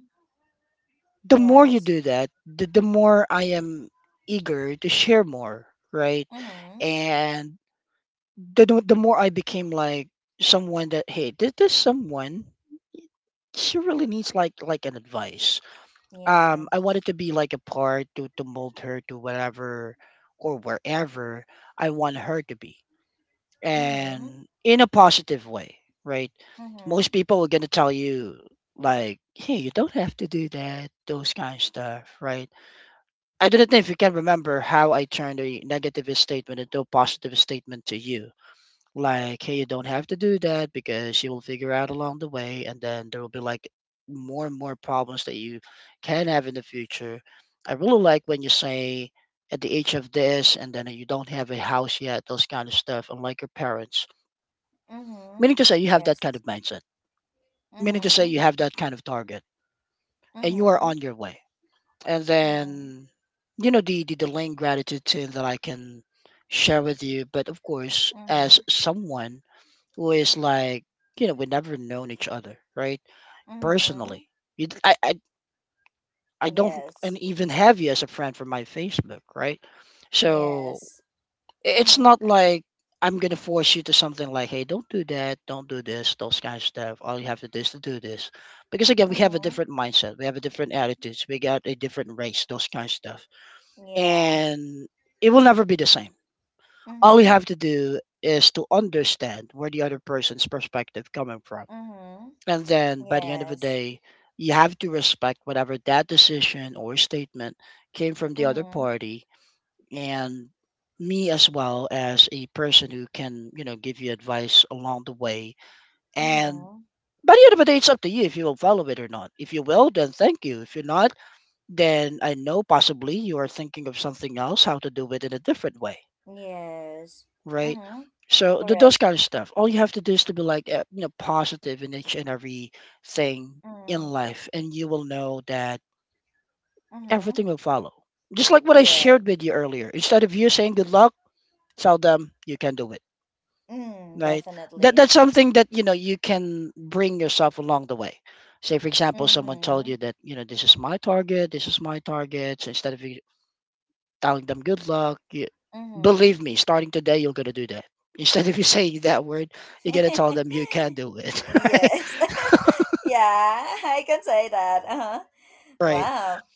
[SPEAKER 2] the more you
[SPEAKER 1] Yes.
[SPEAKER 2] do that, the more I am eager to share more, right?
[SPEAKER 1] Mm-hmm.
[SPEAKER 2] And the more I became like someone that, hey, this someone, she really needs like an advice. I
[SPEAKER 1] Yes.
[SPEAKER 2] wanted to be like a part to mold her to whatever or wherever I want her to be,
[SPEAKER 1] Mm-hmm.
[SPEAKER 2] and in a positive way, right?
[SPEAKER 1] Mm-hmm.
[SPEAKER 2] Most people are going to tell you like, hey, you don't have to do that, those kind of stuff, right? I don't know if you can remember how I turned a negative statement into a positive statement to you, like, hey, you don't have to do that because she will figure out along the way, and then there will be like more and more problems that you can have in the future. I really like when you say at the age of this and then you don't have a house yet, those kind of stuff, unlike your parents.
[SPEAKER 1] Mm-hmm.
[SPEAKER 2] Meaning to say you have that
[SPEAKER 1] Yes.
[SPEAKER 2] kind of mindset, meaning to say
[SPEAKER 1] Mm-hmm.
[SPEAKER 2] you have that kind of target, and you are
[SPEAKER 1] Mm-hmm.
[SPEAKER 2] on your way. And
[SPEAKER 1] Mm-hmm.
[SPEAKER 2] then you know the lane gratitude too that I can share with you. But of course
[SPEAKER 1] Mm-hmm.
[SPEAKER 2] as someone who is like, you know, we never known each other, right?
[SPEAKER 1] Mm-hmm.
[SPEAKER 2] Personally. You, I don't and
[SPEAKER 1] Yes.
[SPEAKER 2] even have you as a friend from my facebook, right? So
[SPEAKER 1] Yes.
[SPEAKER 2] it's
[SPEAKER 1] Mhm.
[SPEAKER 2] not like I'm gonna force you to something like, hey, don't do that, don't do this, those kind of stuff. All you have to do is to do this because again we have a
[SPEAKER 1] Mhm.
[SPEAKER 2] different mindset, we have a different attitudes, we got a different race, those kind of stuff,
[SPEAKER 1] Yeah.
[SPEAKER 2] and it will never be the same. All you
[SPEAKER 1] Mhm.
[SPEAKER 2] have to do is to understand where the other person's perspective coming from.
[SPEAKER 1] Mhm.
[SPEAKER 2] And then by the end of the
[SPEAKER 1] Yes.
[SPEAKER 2] day, you have to respect whatever that decision or statement came from the other
[SPEAKER 1] Mhm.
[SPEAKER 2] party. And me as well as a person who can, you know, give you advice along the way. And
[SPEAKER 1] Mhm.
[SPEAKER 2] by the end of the day, it's up to you if you will follow it or not. If you will, then thank you. If you're not, then I know possibly you are thinking of something else, how to do it in a different way,
[SPEAKER 1] Yes.
[SPEAKER 2] right?
[SPEAKER 1] Mhm.
[SPEAKER 2] So those
[SPEAKER 1] Correct.
[SPEAKER 2] kind of stuff. All you have to do is to be like you know, positive in each and every thing in
[SPEAKER 1] Mhm.
[SPEAKER 2] life, and you will know that
[SPEAKER 1] Mhm.
[SPEAKER 2] everything will follow. Just like what I
[SPEAKER 1] Correct.
[SPEAKER 2] shared with you earlier. Instead of you saying good luck, tell them you can do it,
[SPEAKER 1] Mm,
[SPEAKER 2] right? That
[SPEAKER 1] definitely.
[SPEAKER 2] that's something that you know you can bring yourself along the way. Say for example, someone told
[SPEAKER 1] Mhm.
[SPEAKER 2] you that, you know, this is my target, this is my target. So instead of you telling them good luck. You,
[SPEAKER 1] Mhm.
[SPEAKER 2] believe me, starting today, you're gonna do that. Instead of you saying that word, you're gonna tell them you can do it. Right?
[SPEAKER 1] Yes. Yeah, I can say that. Uh-huh.
[SPEAKER 2] Right.
[SPEAKER 1] Wow.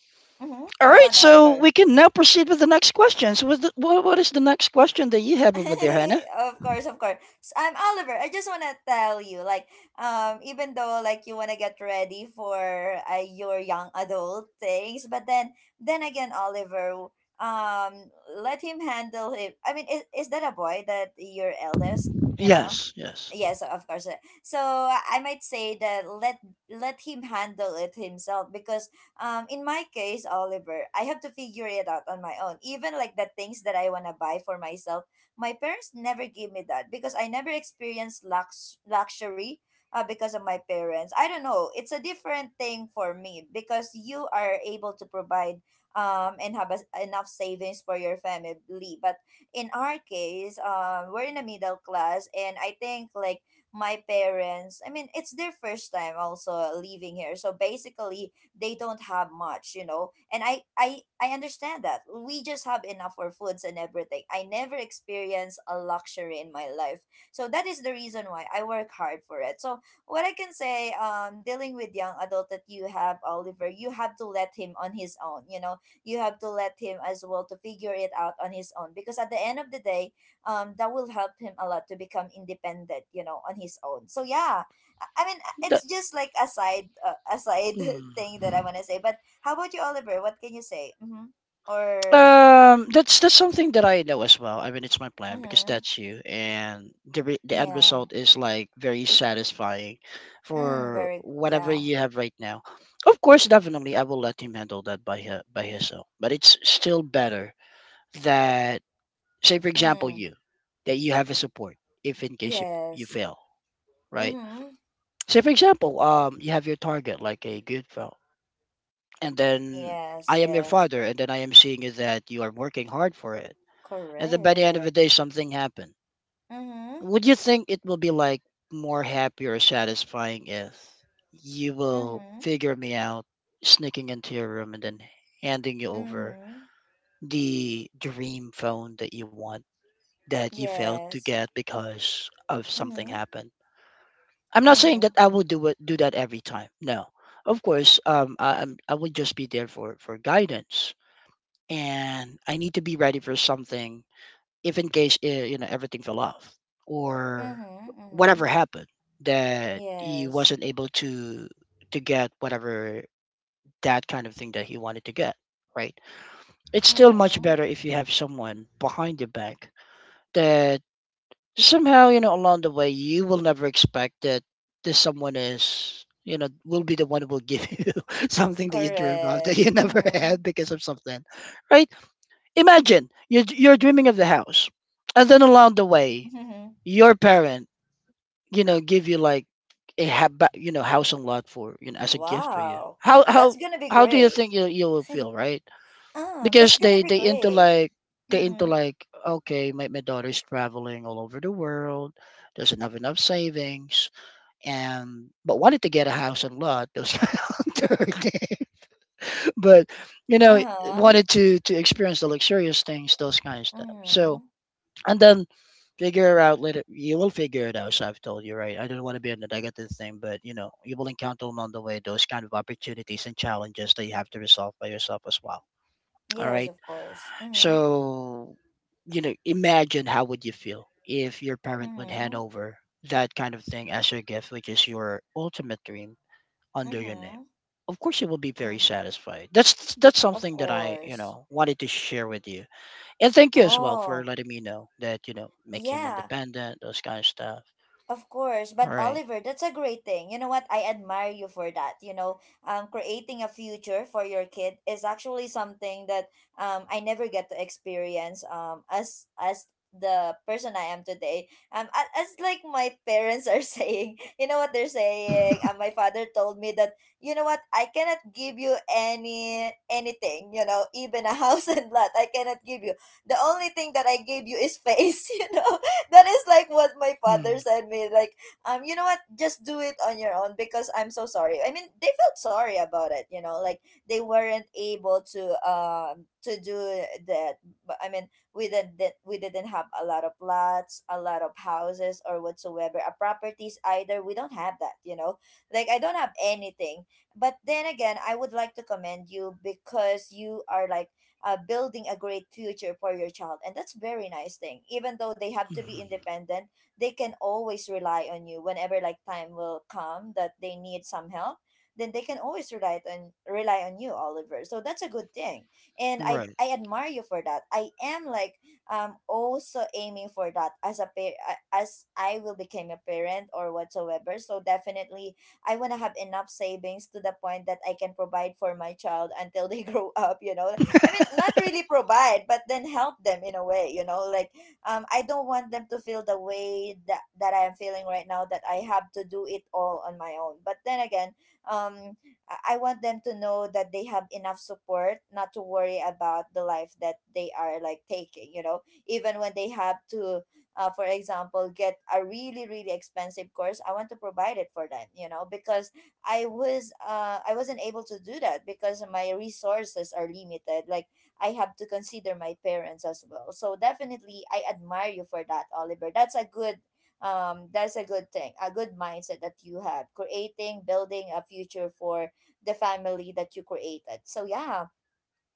[SPEAKER 1] Mhm.
[SPEAKER 2] All
[SPEAKER 1] Go
[SPEAKER 2] right.
[SPEAKER 1] on,
[SPEAKER 2] So
[SPEAKER 1] Oliver.
[SPEAKER 2] we can now proceed with the next questions. What is the next question that you have over there, Hannah?
[SPEAKER 1] Of course, of course. So, Oliver, I just wanna tell you, like, even though like you wanna get ready for your young adult things, but then again, Oliver, um, let him handle it. I mean, is that a boy, that your eldest? You know,
[SPEAKER 2] Yes. Yes.
[SPEAKER 1] yes, of course. So I might say that let him handle it himself, because in my case, Oliver, I have to figure it out on my own. Even like the things that I wanna buy for myself, my parents never gave me that, because I never experienced luxury because of my parents. I don't know. It's a different thing for me, because you are able to provide and have a, enough savings for your family. But in our case, we're in the middle class, and I think like my parents. I mean, it's their first time also living here, so basically they don't have much, you know. And I understand that we just have enough for foods and everything. I never experienced a luxury in my life, so that is the reason why I work hard for it. So what I can say, dealing with young adult that you have, Oliver, you have to let him on his own, you know. You have to let him as well to figure it out on his own, because at the end of the day, that will help him a lot to become independent, you know, on his own. So yeah, I mean,
[SPEAKER 2] The-
[SPEAKER 1] it's just like a side thing that I
[SPEAKER 2] mm.
[SPEAKER 1] want to say. But how about you, Oliver? What can you say? Mm-hmm. Or,
[SPEAKER 2] That's something that I know as well. I mean, it's my plan because
[SPEAKER 1] mm-hmm.
[SPEAKER 2] that's you, and the end
[SPEAKER 1] Yeah,
[SPEAKER 2] result is like very satisfying
[SPEAKER 1] mm,
[SPEAKER 2] for
[SPEAKER 1] very,
[SPEAKER 2] whatever
[SPEAKER 1] yeah,
[SPEAKER 2] you have right now. Of course, definitely, I will let him handle that by his own. But it's still better that, say, for example,
[SPEAKER 1] mm,
[SPEAKER 2] you that you have a support if in case you
[SPEAKER 1] yes,
[SPEAKER 2] fail, right?
[SPEAKER 1] mm-hmm,
[SPEAKER 2] Say, for example, you have your target like a good fellow, and then
[SPEAKER 1] yes,
[SPEAKER 2] I am your
[SPEAKER 1] yes,
[SPEAKER 2] father, and then I am seeing is that you are working hard for it, and then by the end of the
[SPEAKER 1] correct.
[SPEAKER 2] day something happened.
[SPEAKER 1] Mm-hmm.
[SPEAKER 2] Would you think it will be like more happy or satisfying if you will
[SPEAKER 1] Mm-hmm.
[SPEAKER 2] figure me out sneaking into your room and then handing you over
[SPEAKER 1] Mm-hmm.
[SPEAKER 2] the dream phone that you want, that you failed to
[SPEAKER 1] Yes.
[SPEAKER 2] get because of something
[SPEAKER 1] Mm-hmm.
[SPEAKER 2] happened. I'm not saying
[SPEAKER 1] Mm-hmm.
[SPEAKER 2] that I will do that every time. No, of course. I would just be there for guidance, and I need to be ready for something if in case you know, everything fell off, or
[SPEAKER 1] Mm-hmm. Mm-hmm.
[SPEAKER 2] whatever happened, that he
[SPEAKER 1] Yes.
[SPEAKER 2] wasn't able to get whatever, that kind of thing that he wanted to get, right? It's still much
[SPEAKER 1] Mm-hmm.
[SPEAKER 2] better if you have someone behind your back that somehow, you know, along the way you will never expect that this someone is, you know, will be the one who will give you something that you dream of that
[SPEAKER 1] Correct.
[SPEAKER 2] you never
[SPEAKER 1] Mm-hmm.
[SPEAKER 2] had because of something, right? Imagine you're dreaming of the house, and then along the way
[SPEAKER 1] Mm-hmm.
[SPEAKER 2] your parent, you know, give you like a you know, housing lot for, you know, as a gift for you.
[SPEAKER 1] Wow. That's gonna be
[SPEAKER 2] How do you
[SPEAKER 1] great.
[SPEAKER 2] think you will feel, right?
[SPEAKER 1] Oh, that's
[SPEAKER 2] Because
[SPEAKER 1] gonna
[SPEAKER 2] they
[SPEAKER 1] be
[SPEAKER 2] they into
[SPEAKER 1] great.
[SPEAKER 2] like they into
[SPEAKER 1] Mm-hmm.
[SPEAKER 2] like, okay, my daughter's traveling all over the world, doesn't have enough savings, and but wanted to get a house and lot. Those kind of thing. But, you know,
[SPEAKER 1] Uh-huh.
[SPEAKER 2] wanted to experience the luxurious things, those kind of stuff. So,
[SPEAKER 1] Mm-hmm.
[SPEAKER 2] and then figure out later. You will figure it out. So I've told you, right? I don't want to be on the negative thing, but you know, you will encounter along the way those kind of opportunities and challenges that you have to resolve by yourself as well. All
[SPEAKER 1] Yes,
[SPEAKER 2] right.
[SPEAKER 1] of course. Mm-hmm.
[SPEAKER 2] So, you know, imagine how would you feel if your parent would hand
[SPEAKER 1] Mm-hmm.
[SPEAKER 2] over that kind of thing as your gift, which is your ultimate dream under your name.
[SPEAKER 1] Mm-hmm.
[SPEAKER 2] Of course, you will be very
[SPEAKER 1] Mm-hmm.
[SPEAKER 2] satisfied. That's
[SPEAKER 1] Of
[SPEAKER 2] something that I, you
[SPEAKER 1] course.
[SPEAKER 2] know, wanted to share with you, and thank you as well for
[SPEAKER 1] Oh,
[SPEAKER 2] letting me know that, you know, make him
[SPEAKER 1] yeah.
[SPEAKER 2] independent, those kind of stuff.
[SPEAKER 1] Of course, but
[SPEAKER 2] Right.
[SPEAKER 1] Oliver, that's a great thing. You know what? I admire you for that. You know, creating a future for your kid is actually something that I never get to experience as the person I am today. As like my parents are saying, you know what they're saying. My father told me that, you know what, I cannot give you anything. You know, even a house and lot, I cannot give you. The only thing that I gave you is face. You know, that is like what my father
[SPEAKER 2] Mm,
[SPEAKER 1] said me, like you know what, just do it on your own, because I'm so sorry. I mean, they felt sorry about it, you know, like they weren't able to do that. But I mean, we didn't we didn't have a lot of lots a lot of houses or whatsoever, a properties either, we don't have that, you know. Like I don't have anything. But then again, I would like to commend you because you are like building a great future for your child, and that's very nice thing. Even though they have to be
[SPEAKER 2] mhm.
[SPEAKER 1] independent, they can always rely on you whenever like time will come that they need some help. Then they can always rely on you, Oliver, so that's a good thing. And i
[SPEAKER 2] Right.
[SPEAKER 1] i admire you for that. I am like also aiming for that as as I will become a parent or whatsoever. So definitely I want to have enough savings to the point that I can provide for my child until they grow up, you know. I mean, not really provide, but then help them in a way, you know, like I don't want them to feel the way that I am feeling right now, that I have to do it all on my own. But then again, um I want them to know that they have enough support, not to worry about the life that they are like taking, you know. Even when they have to for example, get a really, really expensive course, I want to provide it for them, you know, because I wasn't able to do that because my resources are limited. Like I have to consider my parents as well. So definitely I admire you for that, Oliver. That's a good thing, a good mindset that you have. Creating, building a future for the family that you created. So yeah,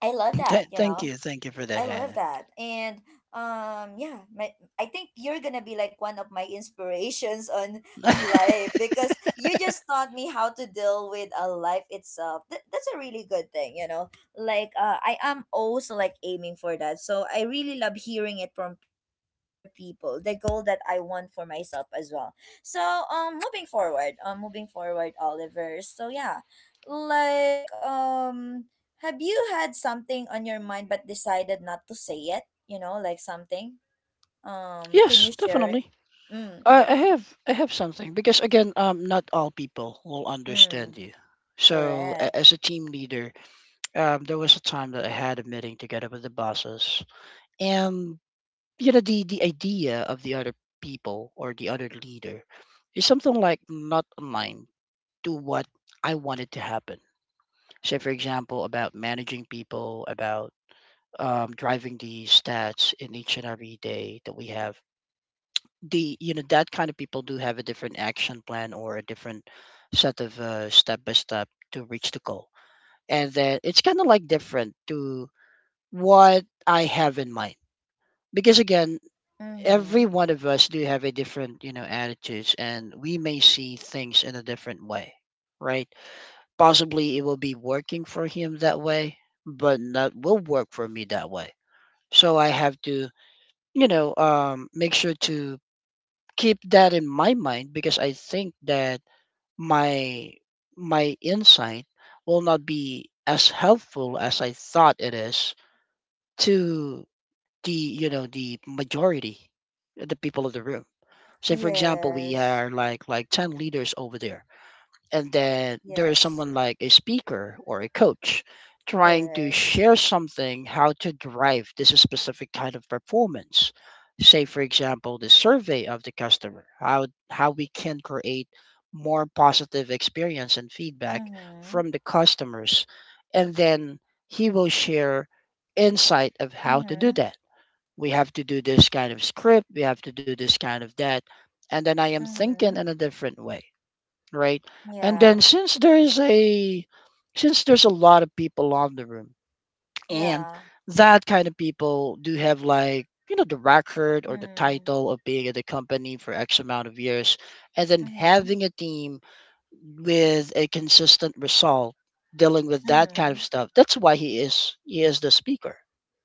[SPEAKER 1] I love that,
[SPEAKER 2] Th-
[SPEAKER 1] you
[SPEAKER 2] thank
[SPEAKER 1] know.
[SPEAKER 2] you. Thank you for that,
[SPEAKER 1] I love
[SPEAKER 2] Hannah.
[SPEAKER 1] that. And yeah, I think you're going to be like one of my inspirations on life, because you just taught me how to deal with a life itself. That's a really good thing, you know. Like I am also like aiming for that. So I really love hearing it from people, from other people. The goal that I want for myself as well. So moving forward, Oliver. So yeah, like have you had something on your mind but decided not to say it? You know, like something? Can you
[SPEAKER 2] Yes,
[SPEAKER 1] share it?
[SPEAKER 2] definitely.
[SPEAKER 1] Mm,
[SPEAKER 2] I,
[SPEAKER 1] yeah,
[SPEAKER 2] I have I have something because again, not all people will
[SPEAKER 1] mm,
[SPEAKER 2] understand you. So a-
[SPEAKER 1] correct.
[SPEAKER 2] as a team leader, there was a time that I had a meeting together with the bosses, and you know, the idea of the other people or the other leader is something like not aligned to what I wanted to happen. Say, for example, about managing people, about driving the stats in each and every day that we have. The, you know, that kind of people do have a different action plan or a different set of step by step to reach the goal, and then it's kind of like different to what I have in mind. Because again,
[SPEAKER 1] Mm-hmm.
[SPEAKER 2] every one of us do have a different, you know, attitudes, and we may see things in a different way, right? Possibly it will be working for him that way, but not will work for me that way. So I have to, you know, make sure to keep that in my mind, because I think that my my insight will not be as helpful as I thought it is to the, you know, the majority, the people of the room. Say for example, we
[SPEAKER 1] Yes.
[SPEAKER 2] are like 10 leaders over there,
[SPEAKER 1] Mm-hmm.
[SPEAKER 2] and then there is
[SPEAKER 1] Yes.
[SPEAKER 2] someone like a speaker or a coach trying to
[SPEAKER 1] Correct.
[SPEAKER 2] share something how to drive this specific kind of performance. Say for example, the survey of the customer, how we can create more positive experience and feedback
[SPEAKER 1] Mm-hmm.
[SPEAKER 2] from the customers, and then he will share insight of how to do
[SPEAKER 1] Mm-hmm.
[SPEAKER 2] that. We have to do this kind of script, we have to do this kind of that. And then I am thinking
[SPEAKER 1] Mm-hmm.
[SPEAKER 2] in a different way, right? And
[SPEAKER 1] Yeah.
[SPEAKER 2] then since there's a lot of people on the room, and
[SPEAKER 1] Yeah.
[SPEAKER 2] that kind of people do have like, you know, the record or the
[SPEAKER 1] Mm.
[SPEAKER 2] title of being at the company for x amount of years, and then
[SPEAKER 1] Mm-hmm.
[SPEAKER 2] having a team with a consistent result dealing with that kind
[SPEAKER 1] Mm-hmm.
[SPEAKER 2] of stuff, that's why he is the speaker,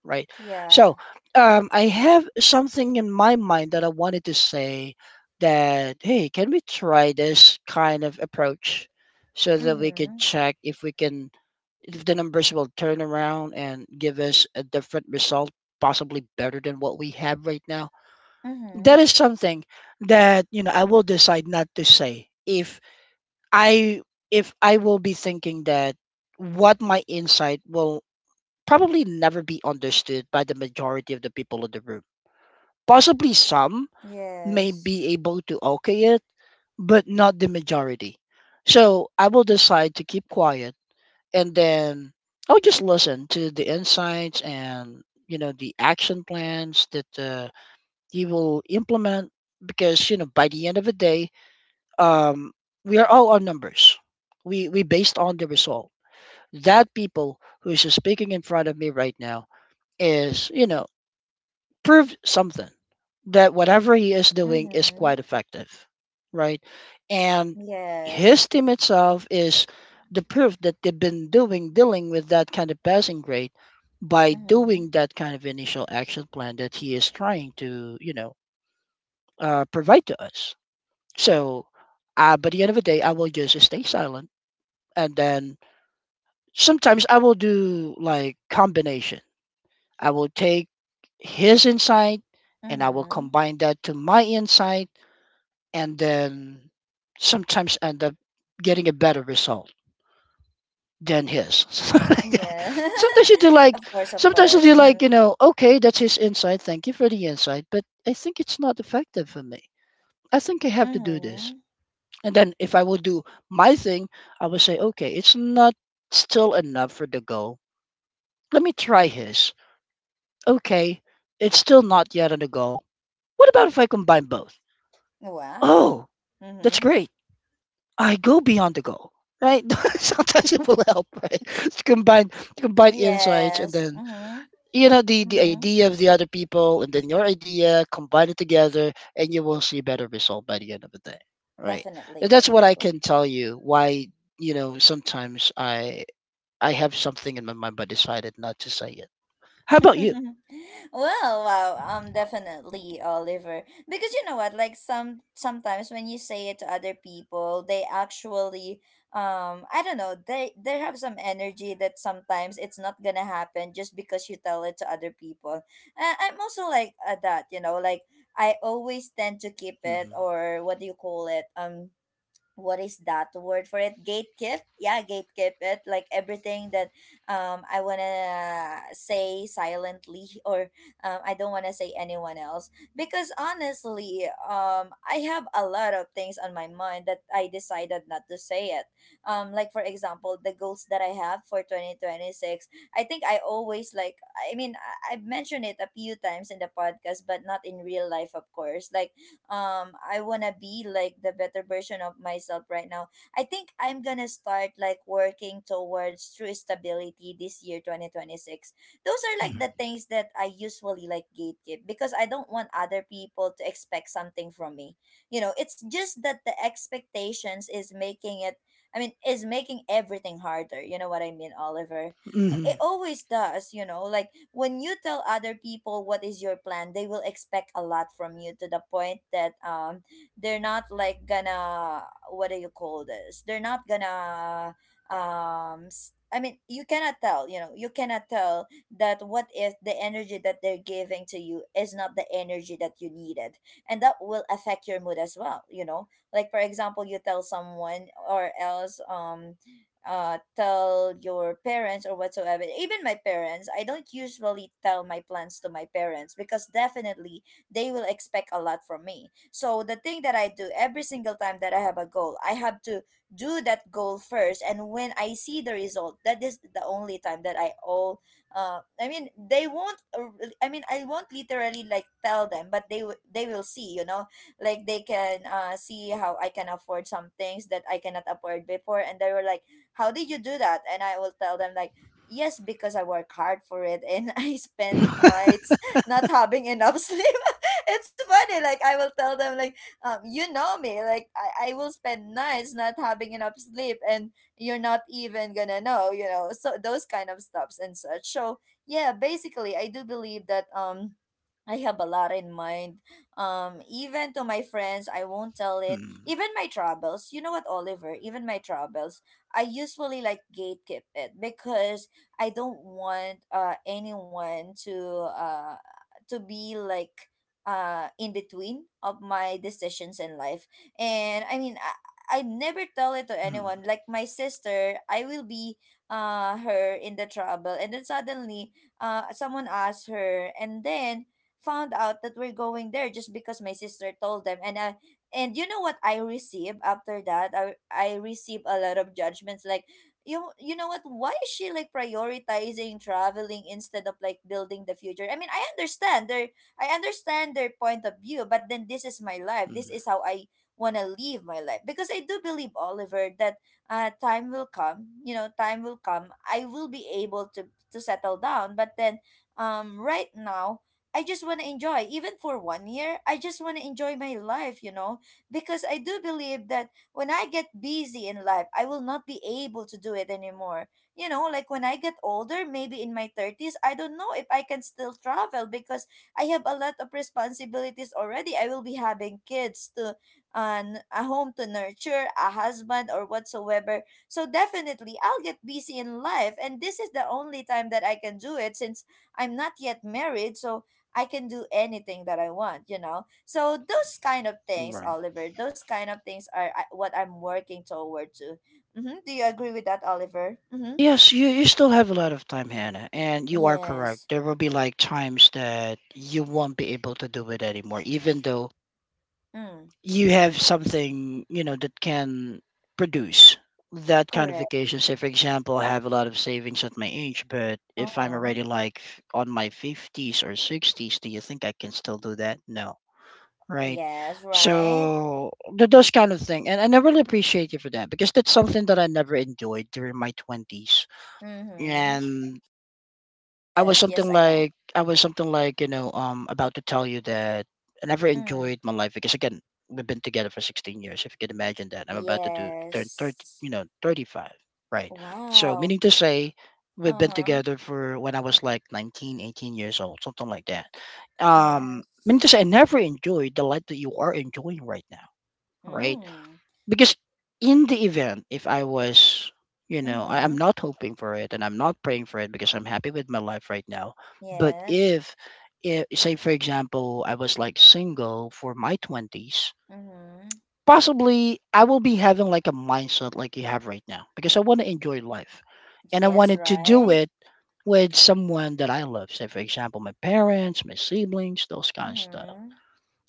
[SPEAKER 2] right?
[SPEAKER 1] Yeah.
[SPEAKER 2] So, I have something in my mind that I wanted to say, that hey, can we try this kind of approach so that we could
[SPEAKER 1] Mm-hmm.
[SPEAKER 2] check if we can, if the numbers will turn around and give us a different result, possibly better than what we have right now.
[SPEAKER 1] Mm-hmm.
[SPEAKER 2] That is something that, you know, I will decide not to say if I I will be thinking that what my insight will probably never be understood by the majority of the people in the room. Possibly some may
[SPEAKER 1] Yes.
[SPEAKER 2] be able to okay it, but not the majority. So I will decide to keep quiet, and then I'll just listen to the insights and, you know, the action plans that he will implement, because you know, by the end of the day, um, we are all on numbers. We based on the result. That people who is speaking in front of me right now is, you know, proved something, that whatever he is doing is
[SPEAKER 1] Mm-hmm.
[SPEAKER 2] quite effective, right? And
[SPEAKER 1] Yes.
[SPEAKER 2] his team itself is the proof that they've been doing dealing with that kind of passing grade by
[SPEAKER 1] Mm-hmm.
[SPEAKER 2] doing that kind of initial action plan that he is trying to, you know, provide to us. So, by the end of the day, I will just stay silent, and then sometimes I will do like combination. I will take his insight, and I will
[SPEAKER 1] Mm-hmm.
[SPEAKER 2] combine that to my insight, and then sometimes end up getting a better result than his.
[SPEAKER 1] Yeah.
[SPEAKER 2] Sometimes you do like
[SPEAKER 1] Of course, of course.
[SPEAKER 2] you
[SPEAKER 1] Mhm.
[SPEAKER 2] know, okay, that's his insight. Thank you for the insight, but I think it's not effective for me. I think I have to do this.
[SPEAKER 1] Mhm.
[SPEAKER 2] And then if I will do my thing, I will say, okay, it's not still enough for the goal. Let me try his. Okay, it's still not yet on the goal. What about if I combine both?
[SPEAKER 1] Wow.
[SPEAKER 2] Oh, that's
[SPEAKER 1] Mhm.
[SPEAKER 2] great. I go beyond the goal, right? Sometimes it will help, right? To combine insights, and
[SPEAKER 1] Yes.
[SPEAKER 2] then
[SPEAKER 1] Mhm.
[SPEAKER 2] you know, the
[SPEAKER 1] Mhm.
[SPEAKER 2] idea of the other people and then your idea, combine it together, and you will see better result by the end of the day, right?
[SPEAKER 1] Definitely,
[SPEAKER 2] And that's what I can
[SPEAKER 1] definitely.
[SPEAKER 2] tell you. Why, you know, sometimes I have something in my mind but decided not to say it. How about you?
[SPEAKER 1] Well, wow, definitely, Oliver. Because you know what, like sometimes when you say it to other people, they actually, I don't know, they have some energy that sometimes it's not gonna happen just because you tell it to other people. I'm also like that, you know, like I always tend to keep it,
[SPEAKER 2] hmm
[SPEAKER 1] or what do you call it, what is that word for it, gatekeep. Yeah, gatekeep it, like everything that I want to say silently, or I don't want to say anyone else. Because honestly, I have a lot of things on my mind that I decided not to say it. Like, for example, the goals that I have for 2026. I think I always like, I mean, I've mentioned it a few times in the podcast, but not in real life of course. Like I want to be like the better version of myself right now. I think I'm gonna start like working towards true stability this year, 2026. Those are like the things that I usually like gatekeep, because I don't want other people to expect something from me. You know, it's just that the expectations is making it, is making everything harder. You know what I mean, Oliver? It
[SPEAKER 2] hmm
[SPEAKER 1] always does, you know. Like when you tell other people what is your plan, they will expect a lot from you, to the point that they're not like gonna, what do you call this? They're not gonna I mean, you cannot tell, you know, you cannot tell that what if the energy that they're giving to you is not the energy that you needed. And that will affect your mood as well, you know. Like for example, you tell someone or else tell your parents or whatsoever. Even my parents, I don't usually tell my plans to my parents because definitely they will expect a lot from me. So the thing that I do every single time that I have a goal, I have to do that goal first, and when I see the result, that is the only time that I all I mean they won't I won't literally like tell them, but they will see, you know. Like they can see how I can afford some things that I cannot afford before, and they were like, how did you do that? And I will tell them like, yes, because I work hard for it, and I spend nights
[SPEAKER 2] Mm,
[SPEAKER 1] not having enough sleep. It's funny. Like I will tell them like, you know me. Like I will spend nights not having enough sleep and you're not even gonna know, so those kind of stuffs and such. So yeah, basically I do believe that I have a lot in mind. Even to my friends, I won't tell it. Even my troubles, you know what, Oliver? Even my troubles, I usually like gatekeep it because I don't want anyone to be like in between of my decisions in life. And I mean, I never tell it to
[SPEAKER 2] mm,
[SPEAKER 1] anyone. Like my sister, I will be her in the trouble, and then suddenly someone asks her, and then found out that we're going there just because my sister told them. And I, and you know what I received after that, I received a lot of judgments, like, you know what, why is she like prioritizing traveling instead of like building the future? I mean, I understand their point of view, but then this is my life. This is
[SPEAKER 2] mm,
[SPEAKER 1] how I want to live my life, because I do believe, Oliver, that time will come, you know, time will come. I will be able to settle down. But then, right now I just want to enjoy, even for one year. I just want to enjoy my life, you know, because I do believe that when I get busy in life, I will not be able to do it anymore. You know, like when I get older, maybe in my 30s, I don't know if I can still travel because I have a lot of responsibilities already. I will be having kids to, and a home to nurture, a husband or whatsoever. So definitely I'll get busy in life, and this is the only time that I can do it, since I'm not yet married. So I can do anything that I want, you know? So those kind of things,
[SPEAKER 2] Right.
[SPEAKER 1] Oliver, those kind of things are what I'm working toward to. Mm-hmm. Do you agree with that, Oliver? Mm-hmm.
[SPEAKER 2] Yes, you still have a lot of time, Hannah, and you are correct.
[SPEAKER 1] Yes.
[SPEAKER 2] There will be like times that you won't be able to do it anymore, even though
[SPEAKER 1] Mm,
[SPEAKER 2] you have something, you know, that can produce that kind of
[SPEAKER 1] correct.
[SPEAKER 2] vacation. Say, for example, I have a lot of savings at my age, but if I'm
[SPEAKER 1] Uh-huh.
[SPEAKER 2] already like on my 50s or 60s, do you think I can still do that? No. Right.
[SPEAKER 1] Yes, right?
[SPEAKER 2] So those kind of thing, and I really appreciate you for that because that's something that I never enjoyed during my twenties,
[SPEAKER 1] Mm-hmm.
[SPEAKER 2] and
[SPEAKER 1] Yes, yes, I know.
[SPEAKER 2] I was something like, you know, about to tell you that I never
[SPEAKER 1] Mm.
[SPEAKER 2] enjoyed my life because again, we've been together for 16 years. If you can imagine that. I'm about to do turn 30,
[SPEAKER 1] Yes.
[SPEAKER 2] you know, 35, right? So
[SPEAKER 1] Wow.
[SPEAKER 2] meaning to say we've been
[SPEAKER 1] Uh-huh.
[SPEAKER 2] together for when I was like 19, 18 years old, something like that. Meaning
[SPEAKER 1] Yes.
[SPEAKER 2] to say I never enjoyed the life that you are enjoying right now, right?
[SPEAKER 1] Mm.
[SPEAKER 2] Because in the event, if I was, you know, I, I'm
[SPEAKER 1] Mm-hmm.
[SPEAKER 2] not hoping for it, and I'm not praying for it because I'm happy with my life right now. But
[SPEAKER 1] Yes.
[SPEAKER 2] if, say, for example, I was like single for my 20s,
[SPEAKER 1] Mm-hmm.
[SPEAKER 2] possibly I will be having like a mindset like you have right now because I want to enjoy life, and I
[SPEAKER 1] Yes,
[SPEAKER 2] wanted to do
[SPEAKER 1] right?
[SPEAKER 2] it with someone that I love, say for example, my parents, my siblings, those kind of stuff.
[SPEAKER 1] Mm-hmm.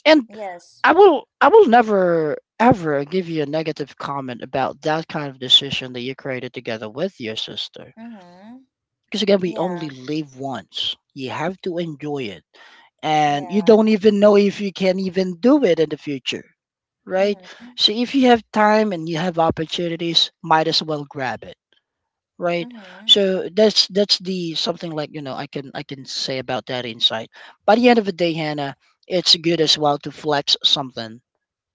[SPEAKER 2] And
[SPEAKER 1] Yes.
[SPEAKER 2] I will never ever give you a negative comment about that kind of decision that you created together with your sister.
[SPEAKER 1] Mm-hmm.
[SPEAKER 2] Because again, we only
[SPEAKER 1] Yeah.
[SPEAKER 2] live once. You have to enjoy it. And you
[SPEAKER 1] Yeah.
[SPEAKER 2] don't even know if you can even do it in the future. Right?
[SPEAKER 1] Mm-hmm.
[SPEAKER 2] So if you have time and you have opportunities, might as well grab it. Right?
[SPEAKER 1] Mm-hmm.
[SPEAKER 2] So that's the something like, you know, I can say about that insight. By the end of the day, Hannah, it's good as well to flex something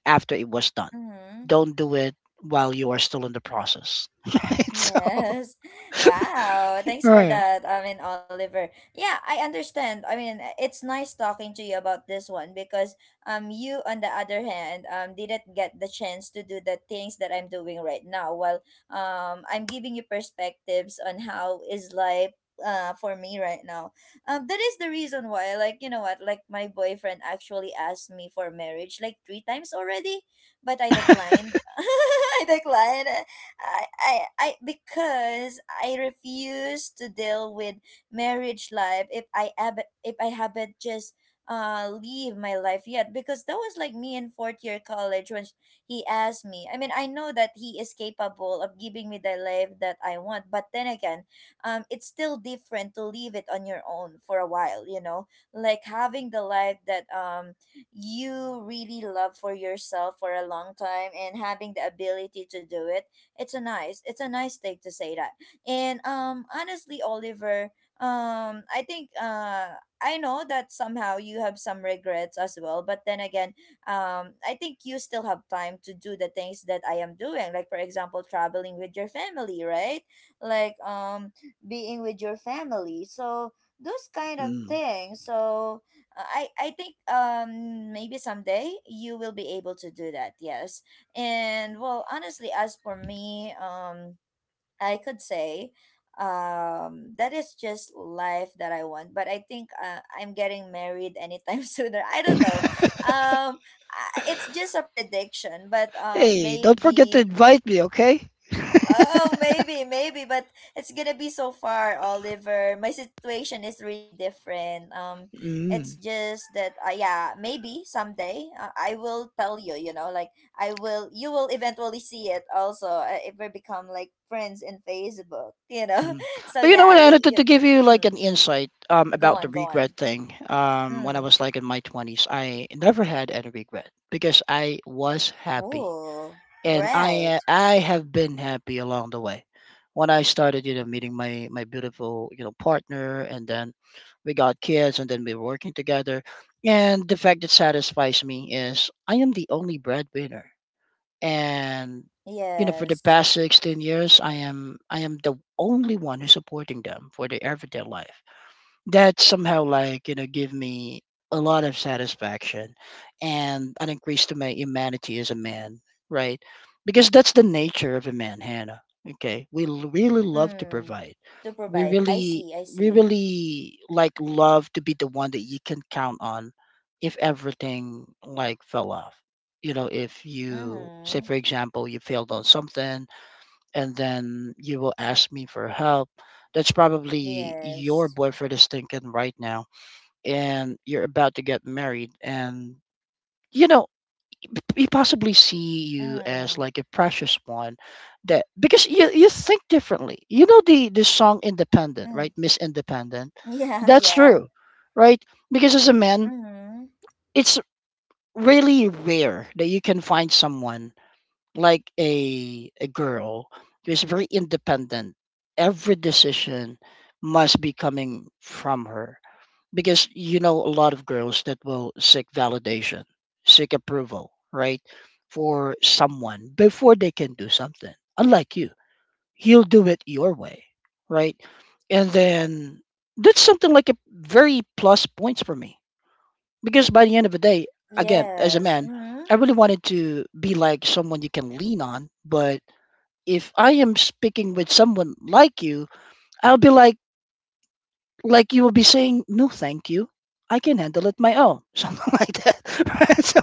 [SPEAKER 2] after it was done.
[SPEAKER 1] Mm-hmm.
[SPEAKER 2] Don't do it while you are still in the process. Right? So, all
[SPEAKER 1] Yes. Wow. Thanks for
[SPEAKER 2] right.
[SPEAKER 1] that. I mean, Oliver. Yeah, I understand. I mean, it's nice talking to you about this one because you, on the other hand, didn't get the chance to do the things that I'm doing right now. Well, I'm giving you perspectives on how is life for me right now. Um, that is the reason why, like, you know what, like my boyfriend actually asked me for marriage like three times already, but I declined. I declined. Because I refuse to deal with marriage life if if I haven't just leave my life yet. Because that was like me in fourth year college when he asked me. I mean, I know that he is capable of giving me the life that I want, but then again, it's still different to leave it on your own for a while. You know, like having the life that you really love for yourself for a long time, and having the ability to do it, it's a nice thing to say that. And honestly, Oliver, I think I know that somehow you have some regrets as well. But then again, I think you still have time to do the things that I am doing. Like for example, traveling with your family, right? Like being with your family. So those kind of
[SPEAKER 2] Mm.
[SPEAKER 1] things. So I think maybe someday you will be able to do that. Yes. And well, honestly, as for me, I could say that is just life that I want. But I think I'm getting married anytime sooner. I don't know. Um, it's just a prediction, but
[SPEAKER 2] Hey, don't forget to
[SPEAKER 1] maybe.
[SPEAKER 2] invite me, okay?
[SPEAKER 1] Oh, maybe, maybe, but it's gonna be so far, Oliver. My situation is really different. It's
[SPEAKER 2] Mm.
[SPEAKER 1] just that, yeah, maybe someday I will tell you. You know, like I will, you will eventually see it also if we become like friends in Facebook. You know,
[SPEAKER 2] Mm.
[SPEAKER 1] so
[SPEAKER 2] But you know
[SPEAKER 1] yeah,
[SPEAKER 2] what, Anna, to, to give you like
[SPEAKER 1] mm,
[SPEAKER 2] an insight,
[SPEAKER 1] go
[SPEAKER 2] about the
[SPEAKER 1] on, go
[SPEAKER 2] regret
[SPEAKER 1] on.
[SPEAKER 2] thing, when I
[SPEAKER 1] Mm.
[SPEAKER 2] was like in my 20s, I never had any regret because I was happy,
[SPEAKER 1] Ooh,
[SPEAKER 2] and
[SPEAKER 1] right.
[SPEAKER 2] I have been happy along the way. When I started, you know, meeting my beautiful, you know, partner, and then we got kids, and then we were working together. And the fact that satisfies me is I am the only breadwinner, and you know, for the
[SPEAKER 1] Yes.
[SPEAKER 2] past 16 years, I am the only one who's supporting them for their everyday life, that somehow, like, you know, give me a lot of satisfaction and an increase to my humanity as a man, right? Because that's the nature of a man, Hannah. Okay, we really love to
[SPEAKER 1] Mm.
[SPEAKER 2] provide.
[SPEAKER 1] To
[SPEAKER 2] we
[SPEAKER 1] provide, I
[SPEAKER 2] really
[SPEAKER 1] see, I
[SPEAKER 2] we
[SPEAKER 1] see.
[SPEAKER 2] really like love to be the one that you can count on if everything like fell off, you know. If you, say
[SPEAKER 1] Mm-hmm.
[SPEAKER 2] for example, you failed on something, and then you will ask me for help. That's probably your
[SPEAKER 1] Yes.
[SPEAKER 2] boyfriend is thinking right now, and you're about to get married, and you know he possibly see you as
[SPEAKER 1] Mm.
[SPEAKER 2] like a precious one, that because you think differently. You know the song Independent, right?
[SPEAKER 1] Mm.
[SPEAKER 2] Miss Independent.
[SPEAKER 1] Yeah,
[SPEAKER 2] That's
[SPEAKER 1] yeah.
[SPEAKER 2] true, right? Because as a man,
[SPEAKER 1] Mm.
[SPEAKER 2] it's really rare that you can find someone like a girl who is very independent. Every decision must be coming from her because you know a lot of girls that will seek validation, seek approval, right, for someone before they can do something. Unlike you, you'll do it your way, right? And then that's something like a very plus points for me because by the end of the day, again, as a
[SPEAKER 1] Yes.
[SPEAKER 2] man,
[SPEAKER 1] Mm.
[SPEAKER 2] I really wanted to be like someone you can lean on. But if I am speaking with someone like you, I'll be like you will be saying, no, thank you. I can handle it my own, something like that. Right? So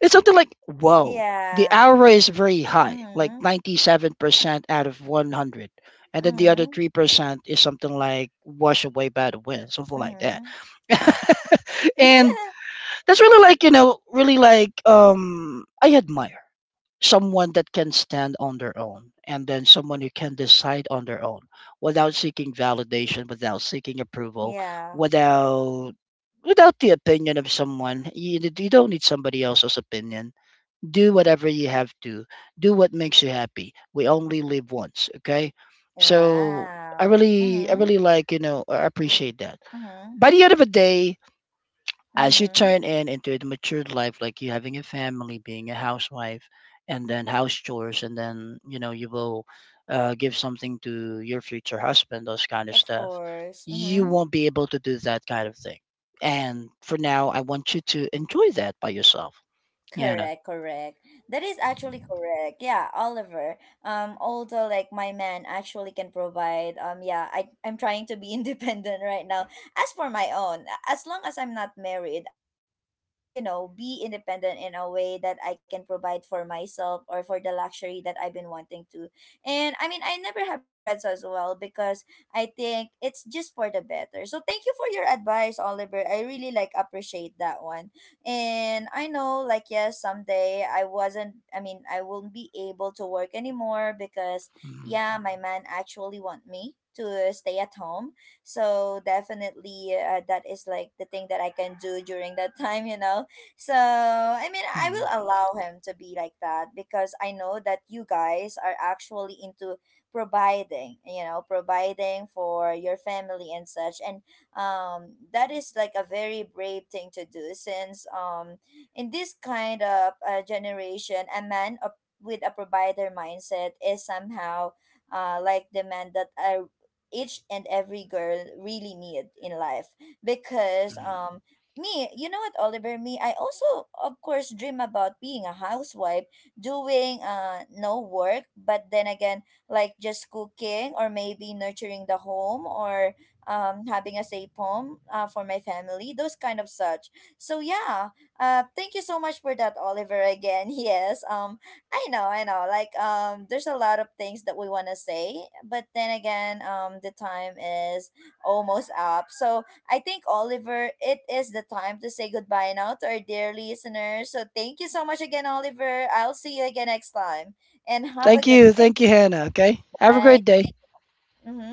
[SPEAKER 2] it's something like, whoa, the
[SPEAKER 1] Yeah.
[SPEAKER 2] aura is very high, like
[SPEAKER 1] Mm.
[SPEAKER 2] 97% out of 100. And then the other
[SPEAKER 1] Mm.
[SPEAKER 2] 3% is something like wash away by the wind, something like that.
[SPEAKER 1] Mm.
[SPEAKER 2] And that's really like, you know, really like, I admire someone that can stand on their own, and then someone who can decide on their own without seeking validation, without seeking approval,
[SPEAKER 1] Yeah.
[SPEAKER 2] without without the opinion of someone. You don't need somebody else's opinion. Do whatever you have to. Do what makes you happy. We only live once, okay? So
[SPEAKER 1] Wow.
[SPEAKER 2] I
[SPEAKER 1] Mm.
[SPEAKER 2] really like, you know, I appreciate that.
[SPEAKER 1] Mm.
[SPEAKER 2] By the end of the day, as you
[SPEAKER 1] Mm.
[SPEAKER 2] turn in into a matured life, like you having a family, being a housewife, and then house chores, and then you know you will give something to your future husband, those kind of
[SPEAKER 1] Of
[SPEAKER 2] stuff.
[SPEAKER 1] course.
[SPEAKER 2] You
[SPEAKER 1] Mm.
[SPEAKER 2] won't be able to do that kind of thing, and for now, I want you to enjoy that by yourself, Hannah.
[SPEAKER 1] Correct, correct. That is actually correct. Yeah, Oliver. Although like my man actually can provide. Yeah, I'm trying to be independent right now. As for my own, as long as I'm not married, I wanna, you know, be independent in a way that I can provide for myself or for the luxury that I've been wanting to. And I mean, I never have regrets as well because I think it's just for the better. So thank you for your advice, Oliver. I really like appreciate that one. And I know, like, yes, someday I wasn't, I mean, I won't be able to work anymore because
[SPEAKER 2] Mm,
[SPEAKER 1] yeah, my man actually want me to stay at home. So definitely that is like the thing that I can do during that time, you know. So, I mean, I will
[SPEAKER 2] mm,
[SPEAKER 1] allow him to be like that because I know that you guys are actually into providing, you know, providing for your family and such. And that is like a very brave thing to do, since in this kind of generation, a man with a provider mindset is somehow like the man that I each and every girl really need in life, because
[SPEAKER 2] mm.
[SPEAKER 1] me, you know what, Oliver, me, I also of course dream about being a housewife, doing no work, but then again, like just cooking or maybe nurturing the home, or having a safe home for my family, those kind of such. So yeah, thank you so much for that, Oliver. Again, yes, I know. Like there's a lot of things that we want to say, but then again, the time is almost up. So I think, Oliver, it is the time to say goodbye now to our dear listeners. So thank you so much again, Oliver. I'll see you again next time, and have a
[SPEAKER 2] Thank
[SPEAKER 1] good
[SPEAKER 2] you,
[SPEAKER 1] day.
[SPEAKER 2] thank you, Hannah. Okay, have a great
[SPEAKER 1] Bye.
[SPEAKER 2] day.
[SPEAKER 1] Mhm.